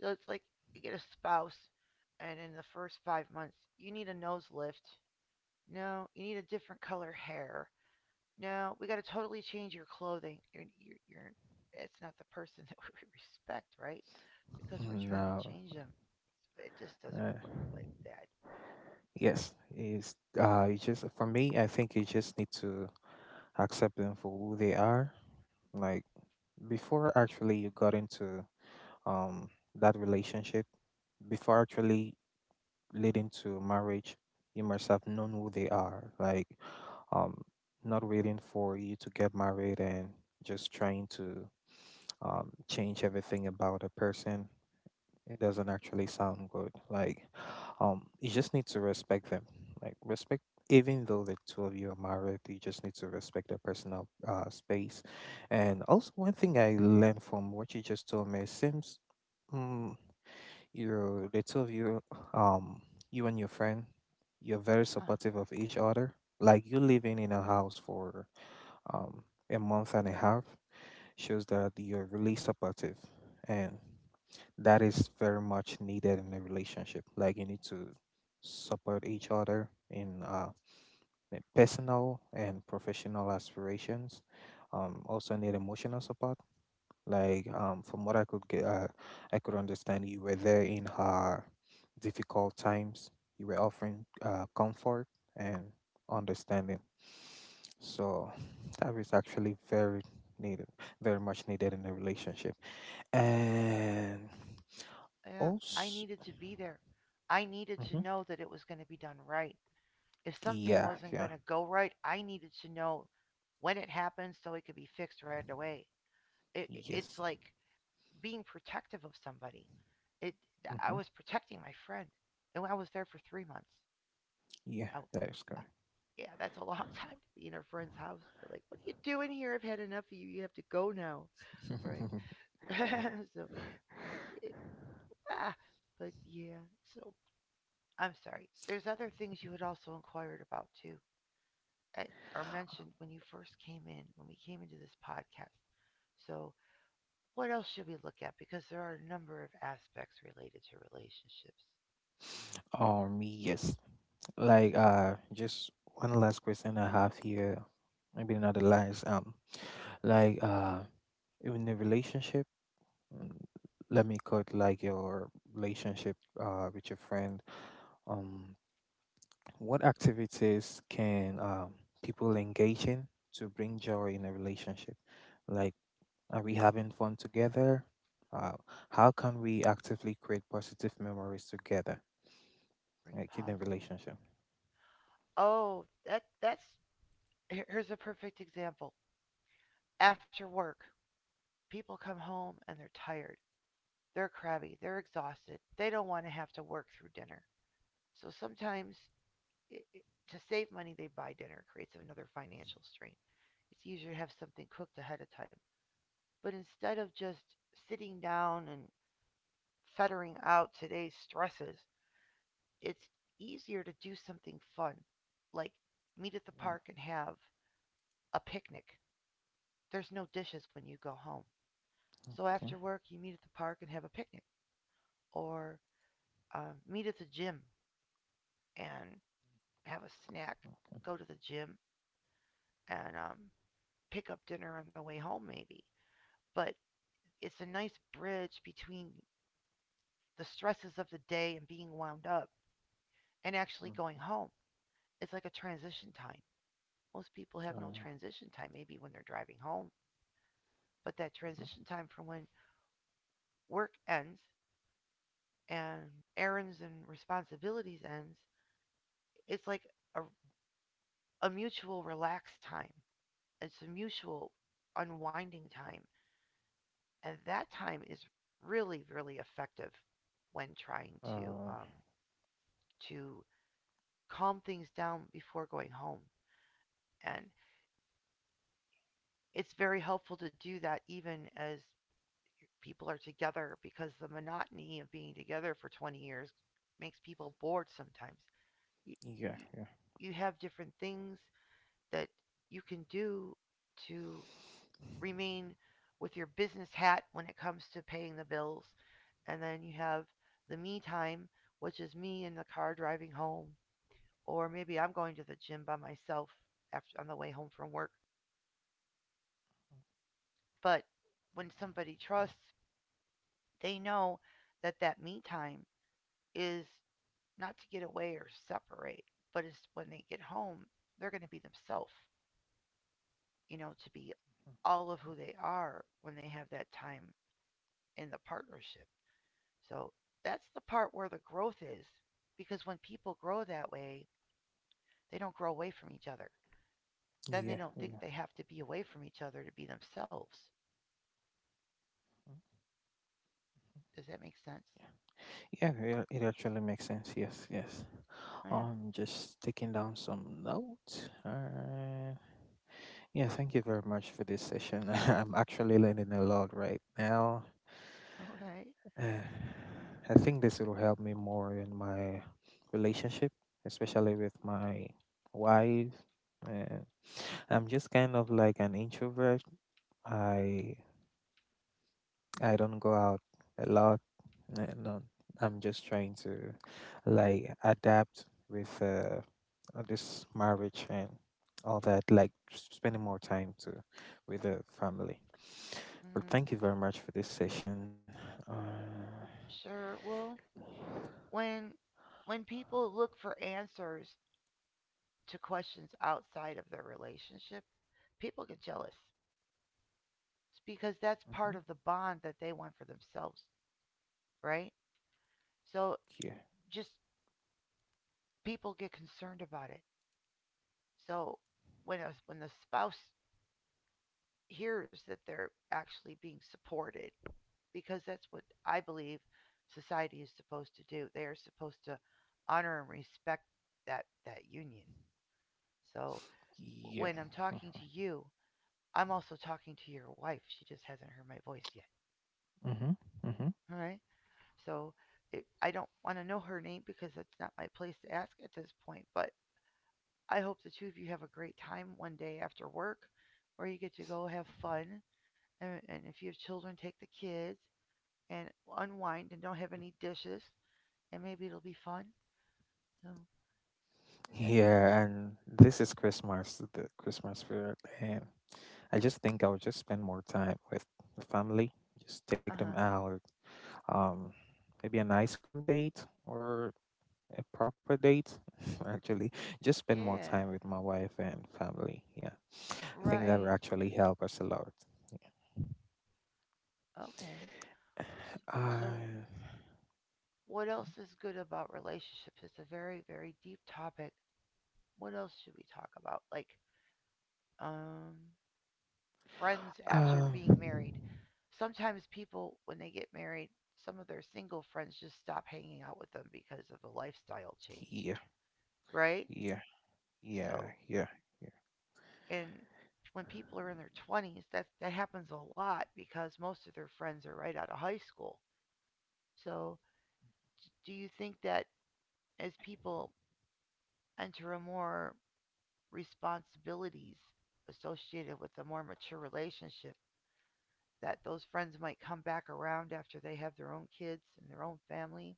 Speaker 1: So it's like you get a spouse, and in the first 5 months, you need a nose lift. No, you need a different color hair. No, we got to totally change your clothing. It's not the person that we respect, right? Because we're trying to
Speaker 2: no.
Speaker 1: change them. It just
Speaker 2: Uh,
Speaker 1: doesn't
Speaker 2: uh,
Speaker 1: work like that.
Speaker 2: yes, is you just for me, I think you just need to accept them for who they are. Like, before actually you got into, um that relationship, before actually leading to marriage, you must have known who they are. Like, um, not waiting for you to get married and just trying to, change everything about a person. It doesn't actually sound good. Like, you just need to respect them. Like, respect, even though the two of you are married, you just need to respect their personal, space. And also, one thing I learned from what you just told me, it seems, mm, you the two of you, um you and your friend, you're very
Speaker 1: Uh,
Speaker 2: supportive of each other, like you living in a house for, um a month and a half, shows that you're really supportive. And that is very much needed in a relationship. Like, you need to support each other in, personal and professional aspirations. Also need emotional support, like, from what I could get, I could understand you were there in her difficult times. You were offering, comfort and understanding. So that is actually very needed, very much needed in a relationship. And
Speaker 1: yeah, I
Speaker 2: also,
Speaker 1: needed to be there. I needed to
Speaker 2: mhm,
Speaker 1: know that it was going to be done right. If something
Speaker 2: yeah,
Speaker 1: wasn't
Speaker 2: yeah,
Speaker 1: going to go right, I needed to know when it happened so it could be fixed right away. It's
Speaker 2: yes,
Speaker 1: like being protective of somebody. It, I
Speaker 2: hmm,
Speaker 1: was protecting my friend, and I was there for 3 months.
Speaker 2: yeah,
Speaker 1: I,
Speaker 2: that is correct.
Speaker 1: Yeah, that's a long time to be in a friend's house. They're like, what are you doing here? I've had enough of you. You have to go now. Right. So, you know, ah, but yeah, so I'm sorry. There's other things you had also inquired about too, and, or mentioned when you first came in, when we came into this podcast. So, what else should we look at? Because there are a number of aspects related to relationships.
Speaker 2: Yes. Like, just one last question I have here, maybe not the last. Like, in a relationship, mm, let me quote like your relationship, with your friend. Um what activities can, people engage in to bring joy in a relationship? Like, are we having fun together? Uh how can we actively create positive memories together,
Speaker 1: Bring
Speaker 2: like, in a
Speaker 1: positive.
Speaker 2: relationship?
Speaker 1: Oh, that that's— here's a perfect example. After work, people come home and they're tired. They're crabby. They're exhausted. They don't want to have to work through dinner. So sometimes, it, it- to save money, they buy dinner. It creates another financial strain. It's easier to have something cooked ahead of time. But instead of just sitting down and fettering out today's stresses, it's easier to do something fun, like meet at the
Speaker 2: Yeah.
Speaker 1: park and have a picnic. There's no dishes when you go home. So
Speaker 2: Okay.
Speaker 1: after work, you meet at the park and have a picnic. Or meet at the gym and have a snack,
Speaker 2: Okay.
Speaker 1: go to the gym, and pick up dinner on the way home, maybe. But it's a nice bridge between the stresses of the day and being wound up and actually going
Speaker 2: Mhm.
Speaker 1: home. It's like a transition time. Most people have no
Speaker 2: Uh,
Speaker 1: transition time, maybe when they're driving home, but that transition time from when work ends and errands and responsibilities ends, it's like a, a mutual relaxed time. It's a mutual unwinding time. And that time is really, really effective when trying
Speaker 2: uh,
Speaker 1: to calm things down before going home. And it's very helpful to do that even as people are together because the monotony of being together for 20 years makes people bored sometimes. You,
Speaker 2: yeah,
Speaker 1: you,
Speaker 2: yeah,
Speaker 1: you have different things that you can do to remain with your business hat when it comes to paying the bills. And then you have the me time, which is me in the car driving home, or maybe I'm going to the gym by myself after on the way home from work. But when somebody trusts, they know that that me time is not to get away or separate, but is when they get home, they're going to be themselves, to be
Speaker 2: yeah,
Speaker 1: all of who they are when they have that time in the partnership. So that's the part where the growth is, because when people grow that way, they don't grow away from each other. Then they
Speaker 2: yeah,
Speaker 1: don't think
Speaker 2: yeah.
Speaker 1: they have to be away from each other to be themselves. Does that make sense?
Speaker 2: Yeah, it actually makes sense. Yes, yes.
Speaker 1: Yeah.
Speaker 2: I'm just taking down some notes. Yeah, thank you very much for this session. I'm actually learning a lot right now.
Speaker 1: Okay.
Speaker 2: Eh, I think this will help me more in my relationship, especially with my wife. And I'm just kind of like an introvert. I I don't go out a lot, and I'm just trying to like adapt with this marriage and all that, like spending more time to with the family. But
Speaker 1: Mm,
Speaker 2: thank you very much for this session. Uh,
Speaker 1: sure. Well, when when people look for answers to questions outside of their relationship, people get jealous. It's because that's
Speaker 2: Mhm.
Speaker 1: part of the bond that they want for themselves, right? So
Speaker 2: Yeah.
Speaker 1: just people get concerned about it. So when the spouse hears that they're actually being supported, because that's what I believe society is supposed to do, they are supposed to honor and respect that that union. So
Speaker 2: Yeah.
Speaker 1: when I'm talking to you, I'm also talking to your wife. She just hasn't heard my voice yet.
Speaker 2: Mm-hmm. Mm-hmm.
Speaker 1: All right. So I don't want to know her name because it's not my place to ask at this point. But I hope the two of you have a great time one day after work where you get to go have fun. And if you have children, take the kids and unwind and don't have any dishes. And maybe it'll be fun. So, that,
Speaker 2: Yeah, and this is Christmas, the Christmas spirit, and I just think I would just spend more time with the family. Just take
Speaker 1: uh
Speaker 2: them
Speaker 1: huh.
Speaker 2: out, um, maybe an ice cream date or a proper date. Actually, just spend more time
Speaker 1: Yeah,
Speaker 2: with my wife and family. Yeah, I think that would
Speaker 1: right.
Speaker 2: actually help us a lot.
Speaker 1: Okay. S- So,
Speaker 2: Uh,
Speaker 1: what else is good about relationships? It's a very, very deep topic. What else should we talk about? Like, um, friends after
Speaker 2: um,
Speaker 1: being married. Sometimes people, when they get married, some of their single friends just stop hanging out with them because of the lifestyle change,
Speaker 2: yeah,
Speaker 1: right?
Speaker 2: yeah,
Speaker 1: So,
Speaker 2: yeah.
Speaker 1: and when people are in their 20s, that happens a lot because most of their friends are right out of high school. So, do you think that as people enter a more responsibilities associated with a more mature relationship, that those friends might come back around after they have their own kids and their own family?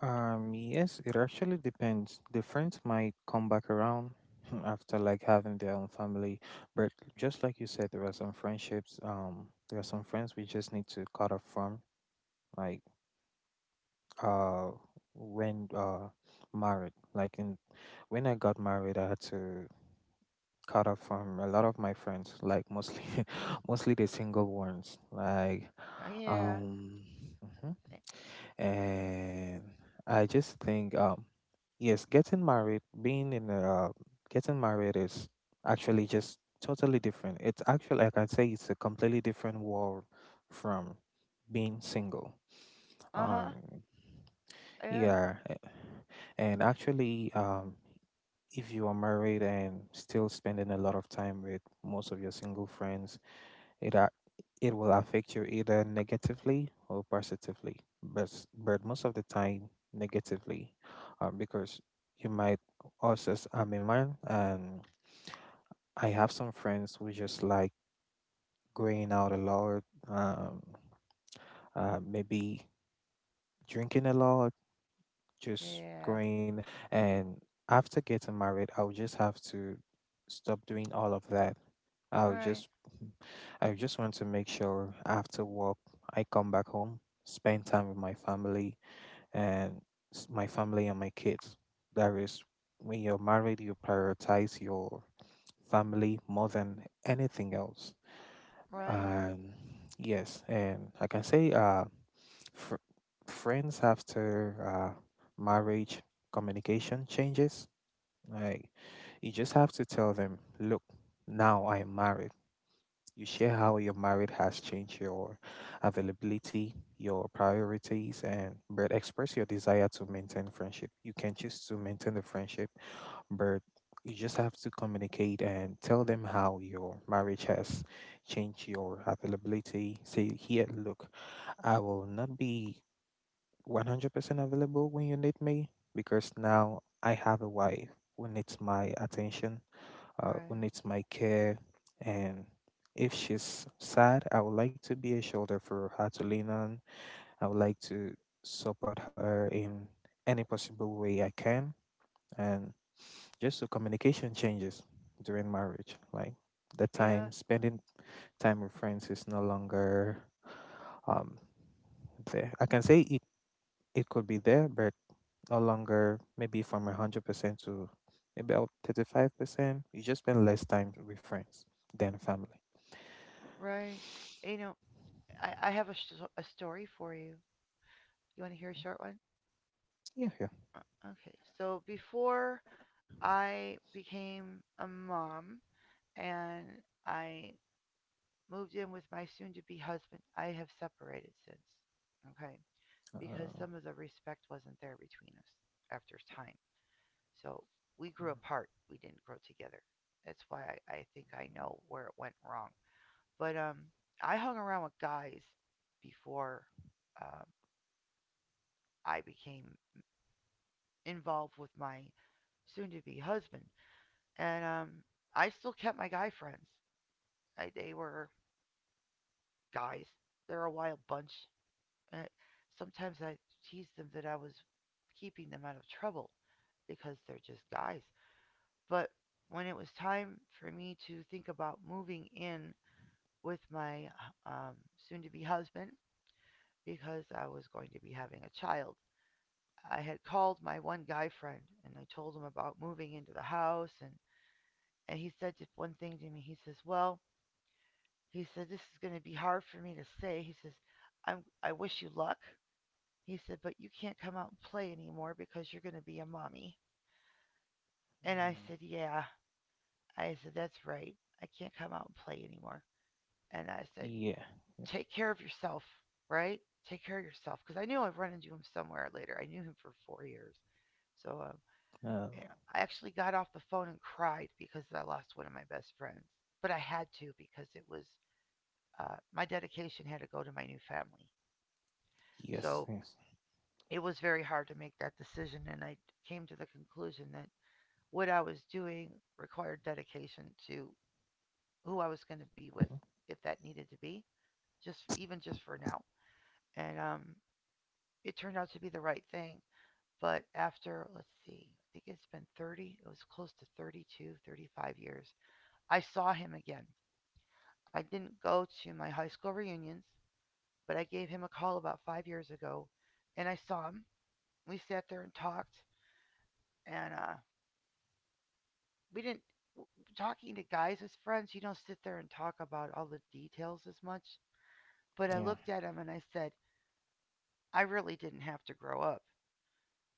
Speaker 2: Yes, it actually depends. The friends might come back around after like having their own family, but just like you said, there are some friendships. There are some friends we just need to cut off from, like uh, when married. Like in When I got married, I had to cut off from a lot of my friends, like mostly mostly the single ones.
Speaker 1: Yeah.
Speaker 2: Um, mhm.
Speaker 1: Eh,
Speaker 2: And I just think yes, getting married, being in a, getting married is actually just totally different. It's actually, like I can say, it's a completely different world from being single. Um,
Speaker 1: uh-huh. Yeah.
Speaker 2: yeah, eh, and actually, if you are married and still spending a lot of time with most of your single friends it a- it will affect you either negatively or positively, but but most of the time negatively, because you might also as I'm a man and I have some friends who just like going out a lot, maybe drinking a lot just
Speaker 1: Yeah.
Speaker 2: going. And after getting married, I'll just have to stop doing all of that. I'll
Speaker 1: Right.
Speaker 2: just, I just want to make sure after work I come back home, spend time with my family and my family and my kids. That is, when you're married, you prioritize your family more than anything else.
Speaker 1: Right.
Speaker 2: Um, yes, and I can say, fr- friends after marriage communication changes like you just have to tell them look now I'm married you share how your marriage has changed your availability your priorities and but express your desire to maintain friendship you can choose to maintain the friendship but you just have to communicate and tell them how your marriage has changed your availability say here look I will not be 100% available when you need me because now I have a wife who needs my attention, who
Speaker 1: Right.
Speaker 2: needs my care. And if she's sad, I would like to be a shoulder for her to lean on. I would like to support her in any possible way I can. And just so communication changes during marriage, like the
Speaker 1: Yeah.
Speaker 2: time spending time with friends is no longer um, there. I can say it could be there, but no longer maybe from 100% to maybe about 35%. You just spend less time with friends than family.
Speaker 1: Right. You know, I have a, a story for you. You want to hear a short one?
Speaker 2: Yeah, yeah.
Speaker 1: Okay. So before I became a mom and I moved in with my soon-to-be husband, I have separated since. Okay.
Speaker 2: Uh,
Speaker 1: Because some of the respect wasn't there between us after time. So we grew apart. We didn't grow together. That's why I think I know where it went wrong. But I hung around with guys before um, I became involved with my soon-to-be husband, and I still kept my guy friends. They were guys. They're a wild bunch. Uh, sometimes I teased them that I was keeping them out of trouble because they're just guys. But when it was time for me to think about moving in with my um, soon to be husband, because I was going to be having a child. I had called my one guy friend and I told him about moving into the house, and he said just one thing to me. He says, "Well, he said this is going to be hard for me to say." He says, " I wish you luck." He said, "But you can't come out and play anymore because you're going to be a mommy." And I
Speaker 2: mm,
Speaker 1: said, "Yeah." I said, "That's right. I can't come out and play anymore." And I said,
Speaker 2: yeah.
Speaker 1: take care of yourself, right? Take care of yourself. Because I knew I'd run into him somewhere later. I knew him for 4 years. So
Speaker 2: Oh,
Speaker 1: yeah, I actually got off the phone and cried because I lost one of my best friends. But I had to because it was my dedication had to go to my new family.
Speaker 2: yes,
Speaker 1: So
Speaker 2: yes.
Speaker 1: it was very hard to make that decision. And I came to the conclusion that what I was doing required dedication to who I was going to be with,
Speaker 2: Mhm.
Speaker 1: if that needed to be, just even just for now. And it turned out to be the right thing. But after, let's see, I think it's been 30, it was close to 32, 35 years, I saw him again. I didn't go to my high school reunions, but I gave him a call about 5 years ago and I saw him. We sat there and talked, and we didn't. Talking to guys as friends, you don't sit there and talk about all the details as much. But I
Speaker 2: Yeah.
Speaker 1: looked at him and I said, I really didn't have to grow up.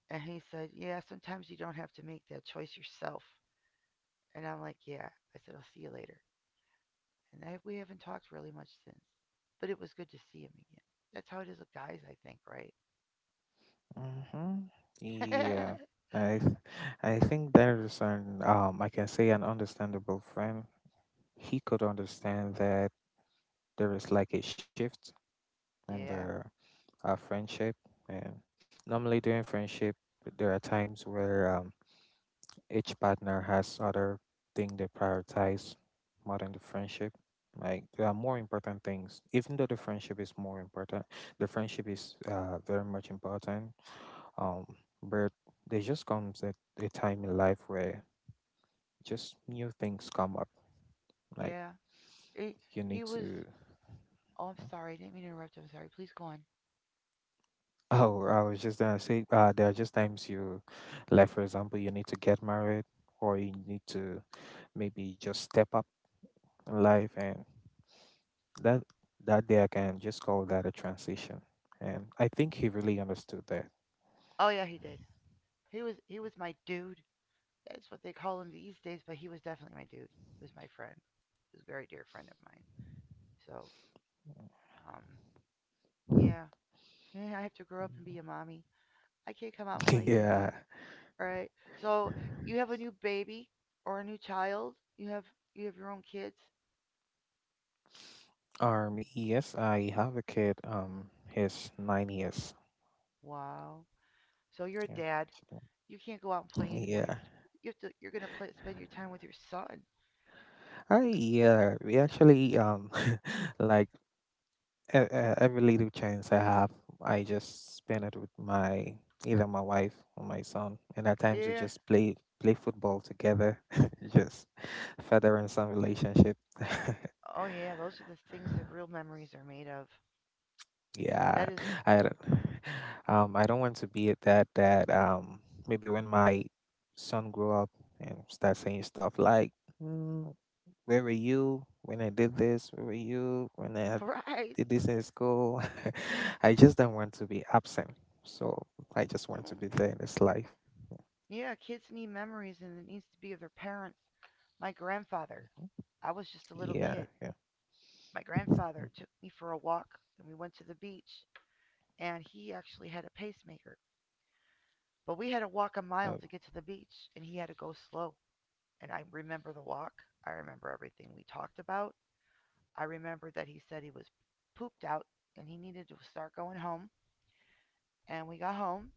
Speaker 1: And he said, yeah, sometimes you don't have to make that choice yourself. And I'm like, yeah. I said, I'll see you later. And we haven't talked really much since. But it was good to see him again. That's how it is with guys, I think, right?
Speaker 2: Mm-hmm. Yeah. I, th- I think that is an I can say an understandable friend. He could understand that there is like a shift in the
Speaker 1: Yeah,
Speaker 2: our friendship, and. Normally during friendship, there are times where each partner has other thing they prioritize more than the friendship. Like there are more important things, even though the friendship is more important. The friendship is very much important. Um, but there just comes a time in life where just new things come up. Like
Speaker 1: yeah. He
Speaker 2: you
Speaker 1: he
Speaker 2: need
Speaker 1: was.
Speaker 2: to.
Speaker 1: Oh, I'm sorry. I didn't mean to interrupt. I'm sorry. Please go on.
Speaker 2: Oh, I was just gonna say, there are just like for example, you need to get married, or you need to maybe just step up in life and that that day I can just call that a transition. And I think he really understood that.
Speaker 1: Oh yeah, he did. He was my dude. That's what they call him these days. But he was definitely my dude. He was my friend. He was a very dear friend of mine. So um yeah. Yeah, I have to grow up and be a mommy. I can't come out and play
Speaker 2: Yeah.
Speaker 1: anymore. Right? So you have a new baby or a new child. You have your own kids.
Speaker 2: Um, yes, I have a kid, he's 9 years.
Speaker 1: Wow. So you're a
Speaker 2: Yeah.
Speaker 1: dad. You can't go out and play anymore.
Speaker 2: Yeah.
Speaker 1: You have to you're gonna play spend your time with your son.
Speaker 2: I yeah, we actually like every little chance I have, I just spend it with my either my wife or my son, and at times we
Speaker 1: Yeah.
Speaker 2: just play football together, just furthering some relationship.
Speaker 1: Oh yeah. Those are the things that real memories are made of. That
Speaker 2: Yeah,
Speaker 1: is
Speaker 2: I I don't want to be at that maybe when my son grow up and start saying stuff like, mm, "Where were you when I did this? Where were you when I
Speaker 1: right.
Speaker 2: did this in school?" I just don't want to be absent, so I just want to
Speaker 1: Mm.
Speaker 2: be there in his life.
Speaker 1: Yeah. Kids need memories, and it needs to be of their parents. My grandfather.
Speaker 2: Mhm.
Speaker 1: I was just a little
Speaker 2: Yeah,
Speaker 1: kid.
Speaker 2: yeah,
Speaker 1: My grandfather
Speaker 2: Mm,
Speaker 1: took me for a walk, and we went to the beach. And he actually had a pacemaker. But we had to walk a mile
Speaker 2: uh,
Speaker 1: to get to the beach, and he had to go slow. And I remember the walk. I remember everything we talked about. I remember that he said he was pooped out and he needed to start going home. And we got home,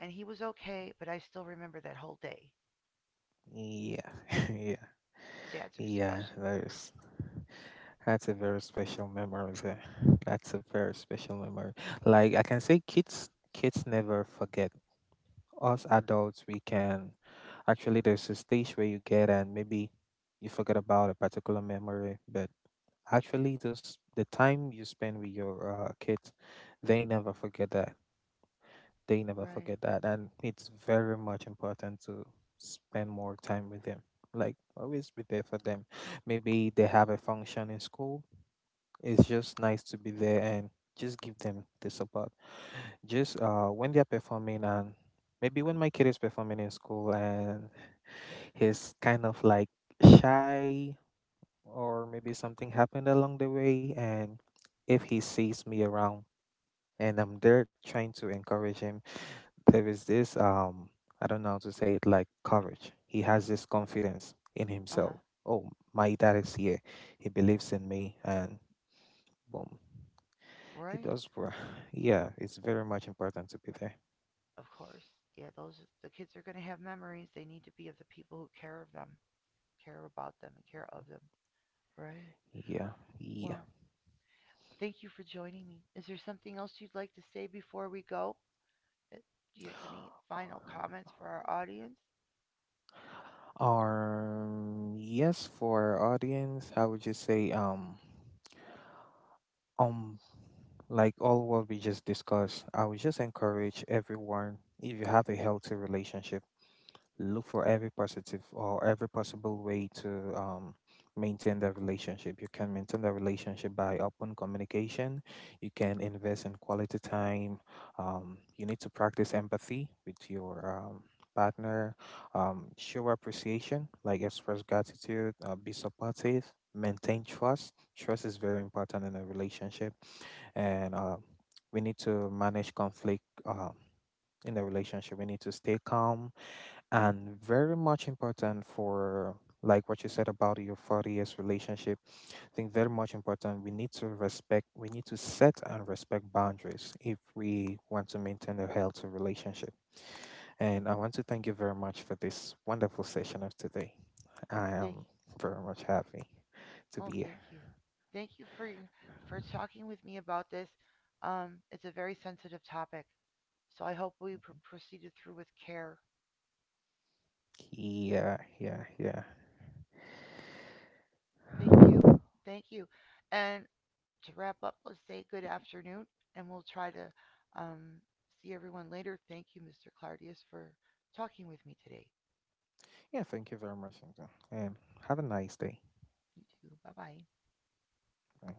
Speaker 1: and he was okay, but I still remember that whole day.
Speaker 2: yeah, yeah,
Speaker 1: Dads are
Speaker 2: yeah.
Speaker 1: special,
Speaker 2: That is. That's a very special memory there. That's a very special memory. Like I can say kids never forget. Us adults we can actually there's a stage where you get and maybe you forget about a particular memory, but actually those the time you spend with your kids, they never forget that. They never
Speaker 1: right?
Speaker 2: forget that and it's very much important to spend more time with them. Like always be there for them. Maybe they have a function in school it's just nice to be there and just give them the support. Just when they're performing, and maybe when my kid is performing in school and he's kind of like shy, or maybe something happened along the way, and if he sees me around and I'm there trying to encourage him, there is this I don't know how to say it, like courage. He has this confidence in
Speaker 1: Uh huh.
Speaker 2: himself. Oh, my dad is here. He believes in me, and boom. It
Speaker 1: Right?
Speaker 2: does, bro. Yeah, it's very much important to be there.
Speaker 1: Of course. Yeah, those the kids are going to have memories. They need to be of the people who care of them, care about them, and care of them, right?
Speaker 2: Yeah, yeah.
Speaker 1: Well, thank you for joining me. Is there something else you'd like to say before we go? Uh, Do you have any final comments for our audience?
Speaker 2: Yes, for our audience, I would just say, um, like all what we just discussed, I would just encourage everyone if you have a healthy relationship. Look for every positive or every possible way to um, maintain the relationship. You can maintain the relationship by open communication. You can invest in quality time. You need to practice empathy with your partner. Show appreciation, like express gratitude, be supportive, maintain trust. Trust is very important in a relationship. And we need to manage conflict. In the relationship, we need to stay calm, and very much important for like what you said about your 40 years relationship I think very much important we need to respect we need to set and respect boundaries if we want to maintain a healthy relationship and I want to thank you very much for this wonderful session of today I
Speaker 1: Thank you.
Speaker 2: am very much happy to
Speaker 1: Oh,
Speaker 2: be here
Speaker 1: thank you. Thank you for talking with me about this. It's a very sensitive topic, so I hope we proceeded through with care.
Speaker 2: yeah yeah yeah
Speaker 1: Thank you. Thank you. And to wrap up, let's say good afternoon, and we'll try to um, see everyone later. Thank you, Mr. Clardius, for talking with me today.
Speaker 2: yeah thank you very much Nzo, and have a nice day.
Speaker 1: You too. Bye bye.
Speaker 2: Bye.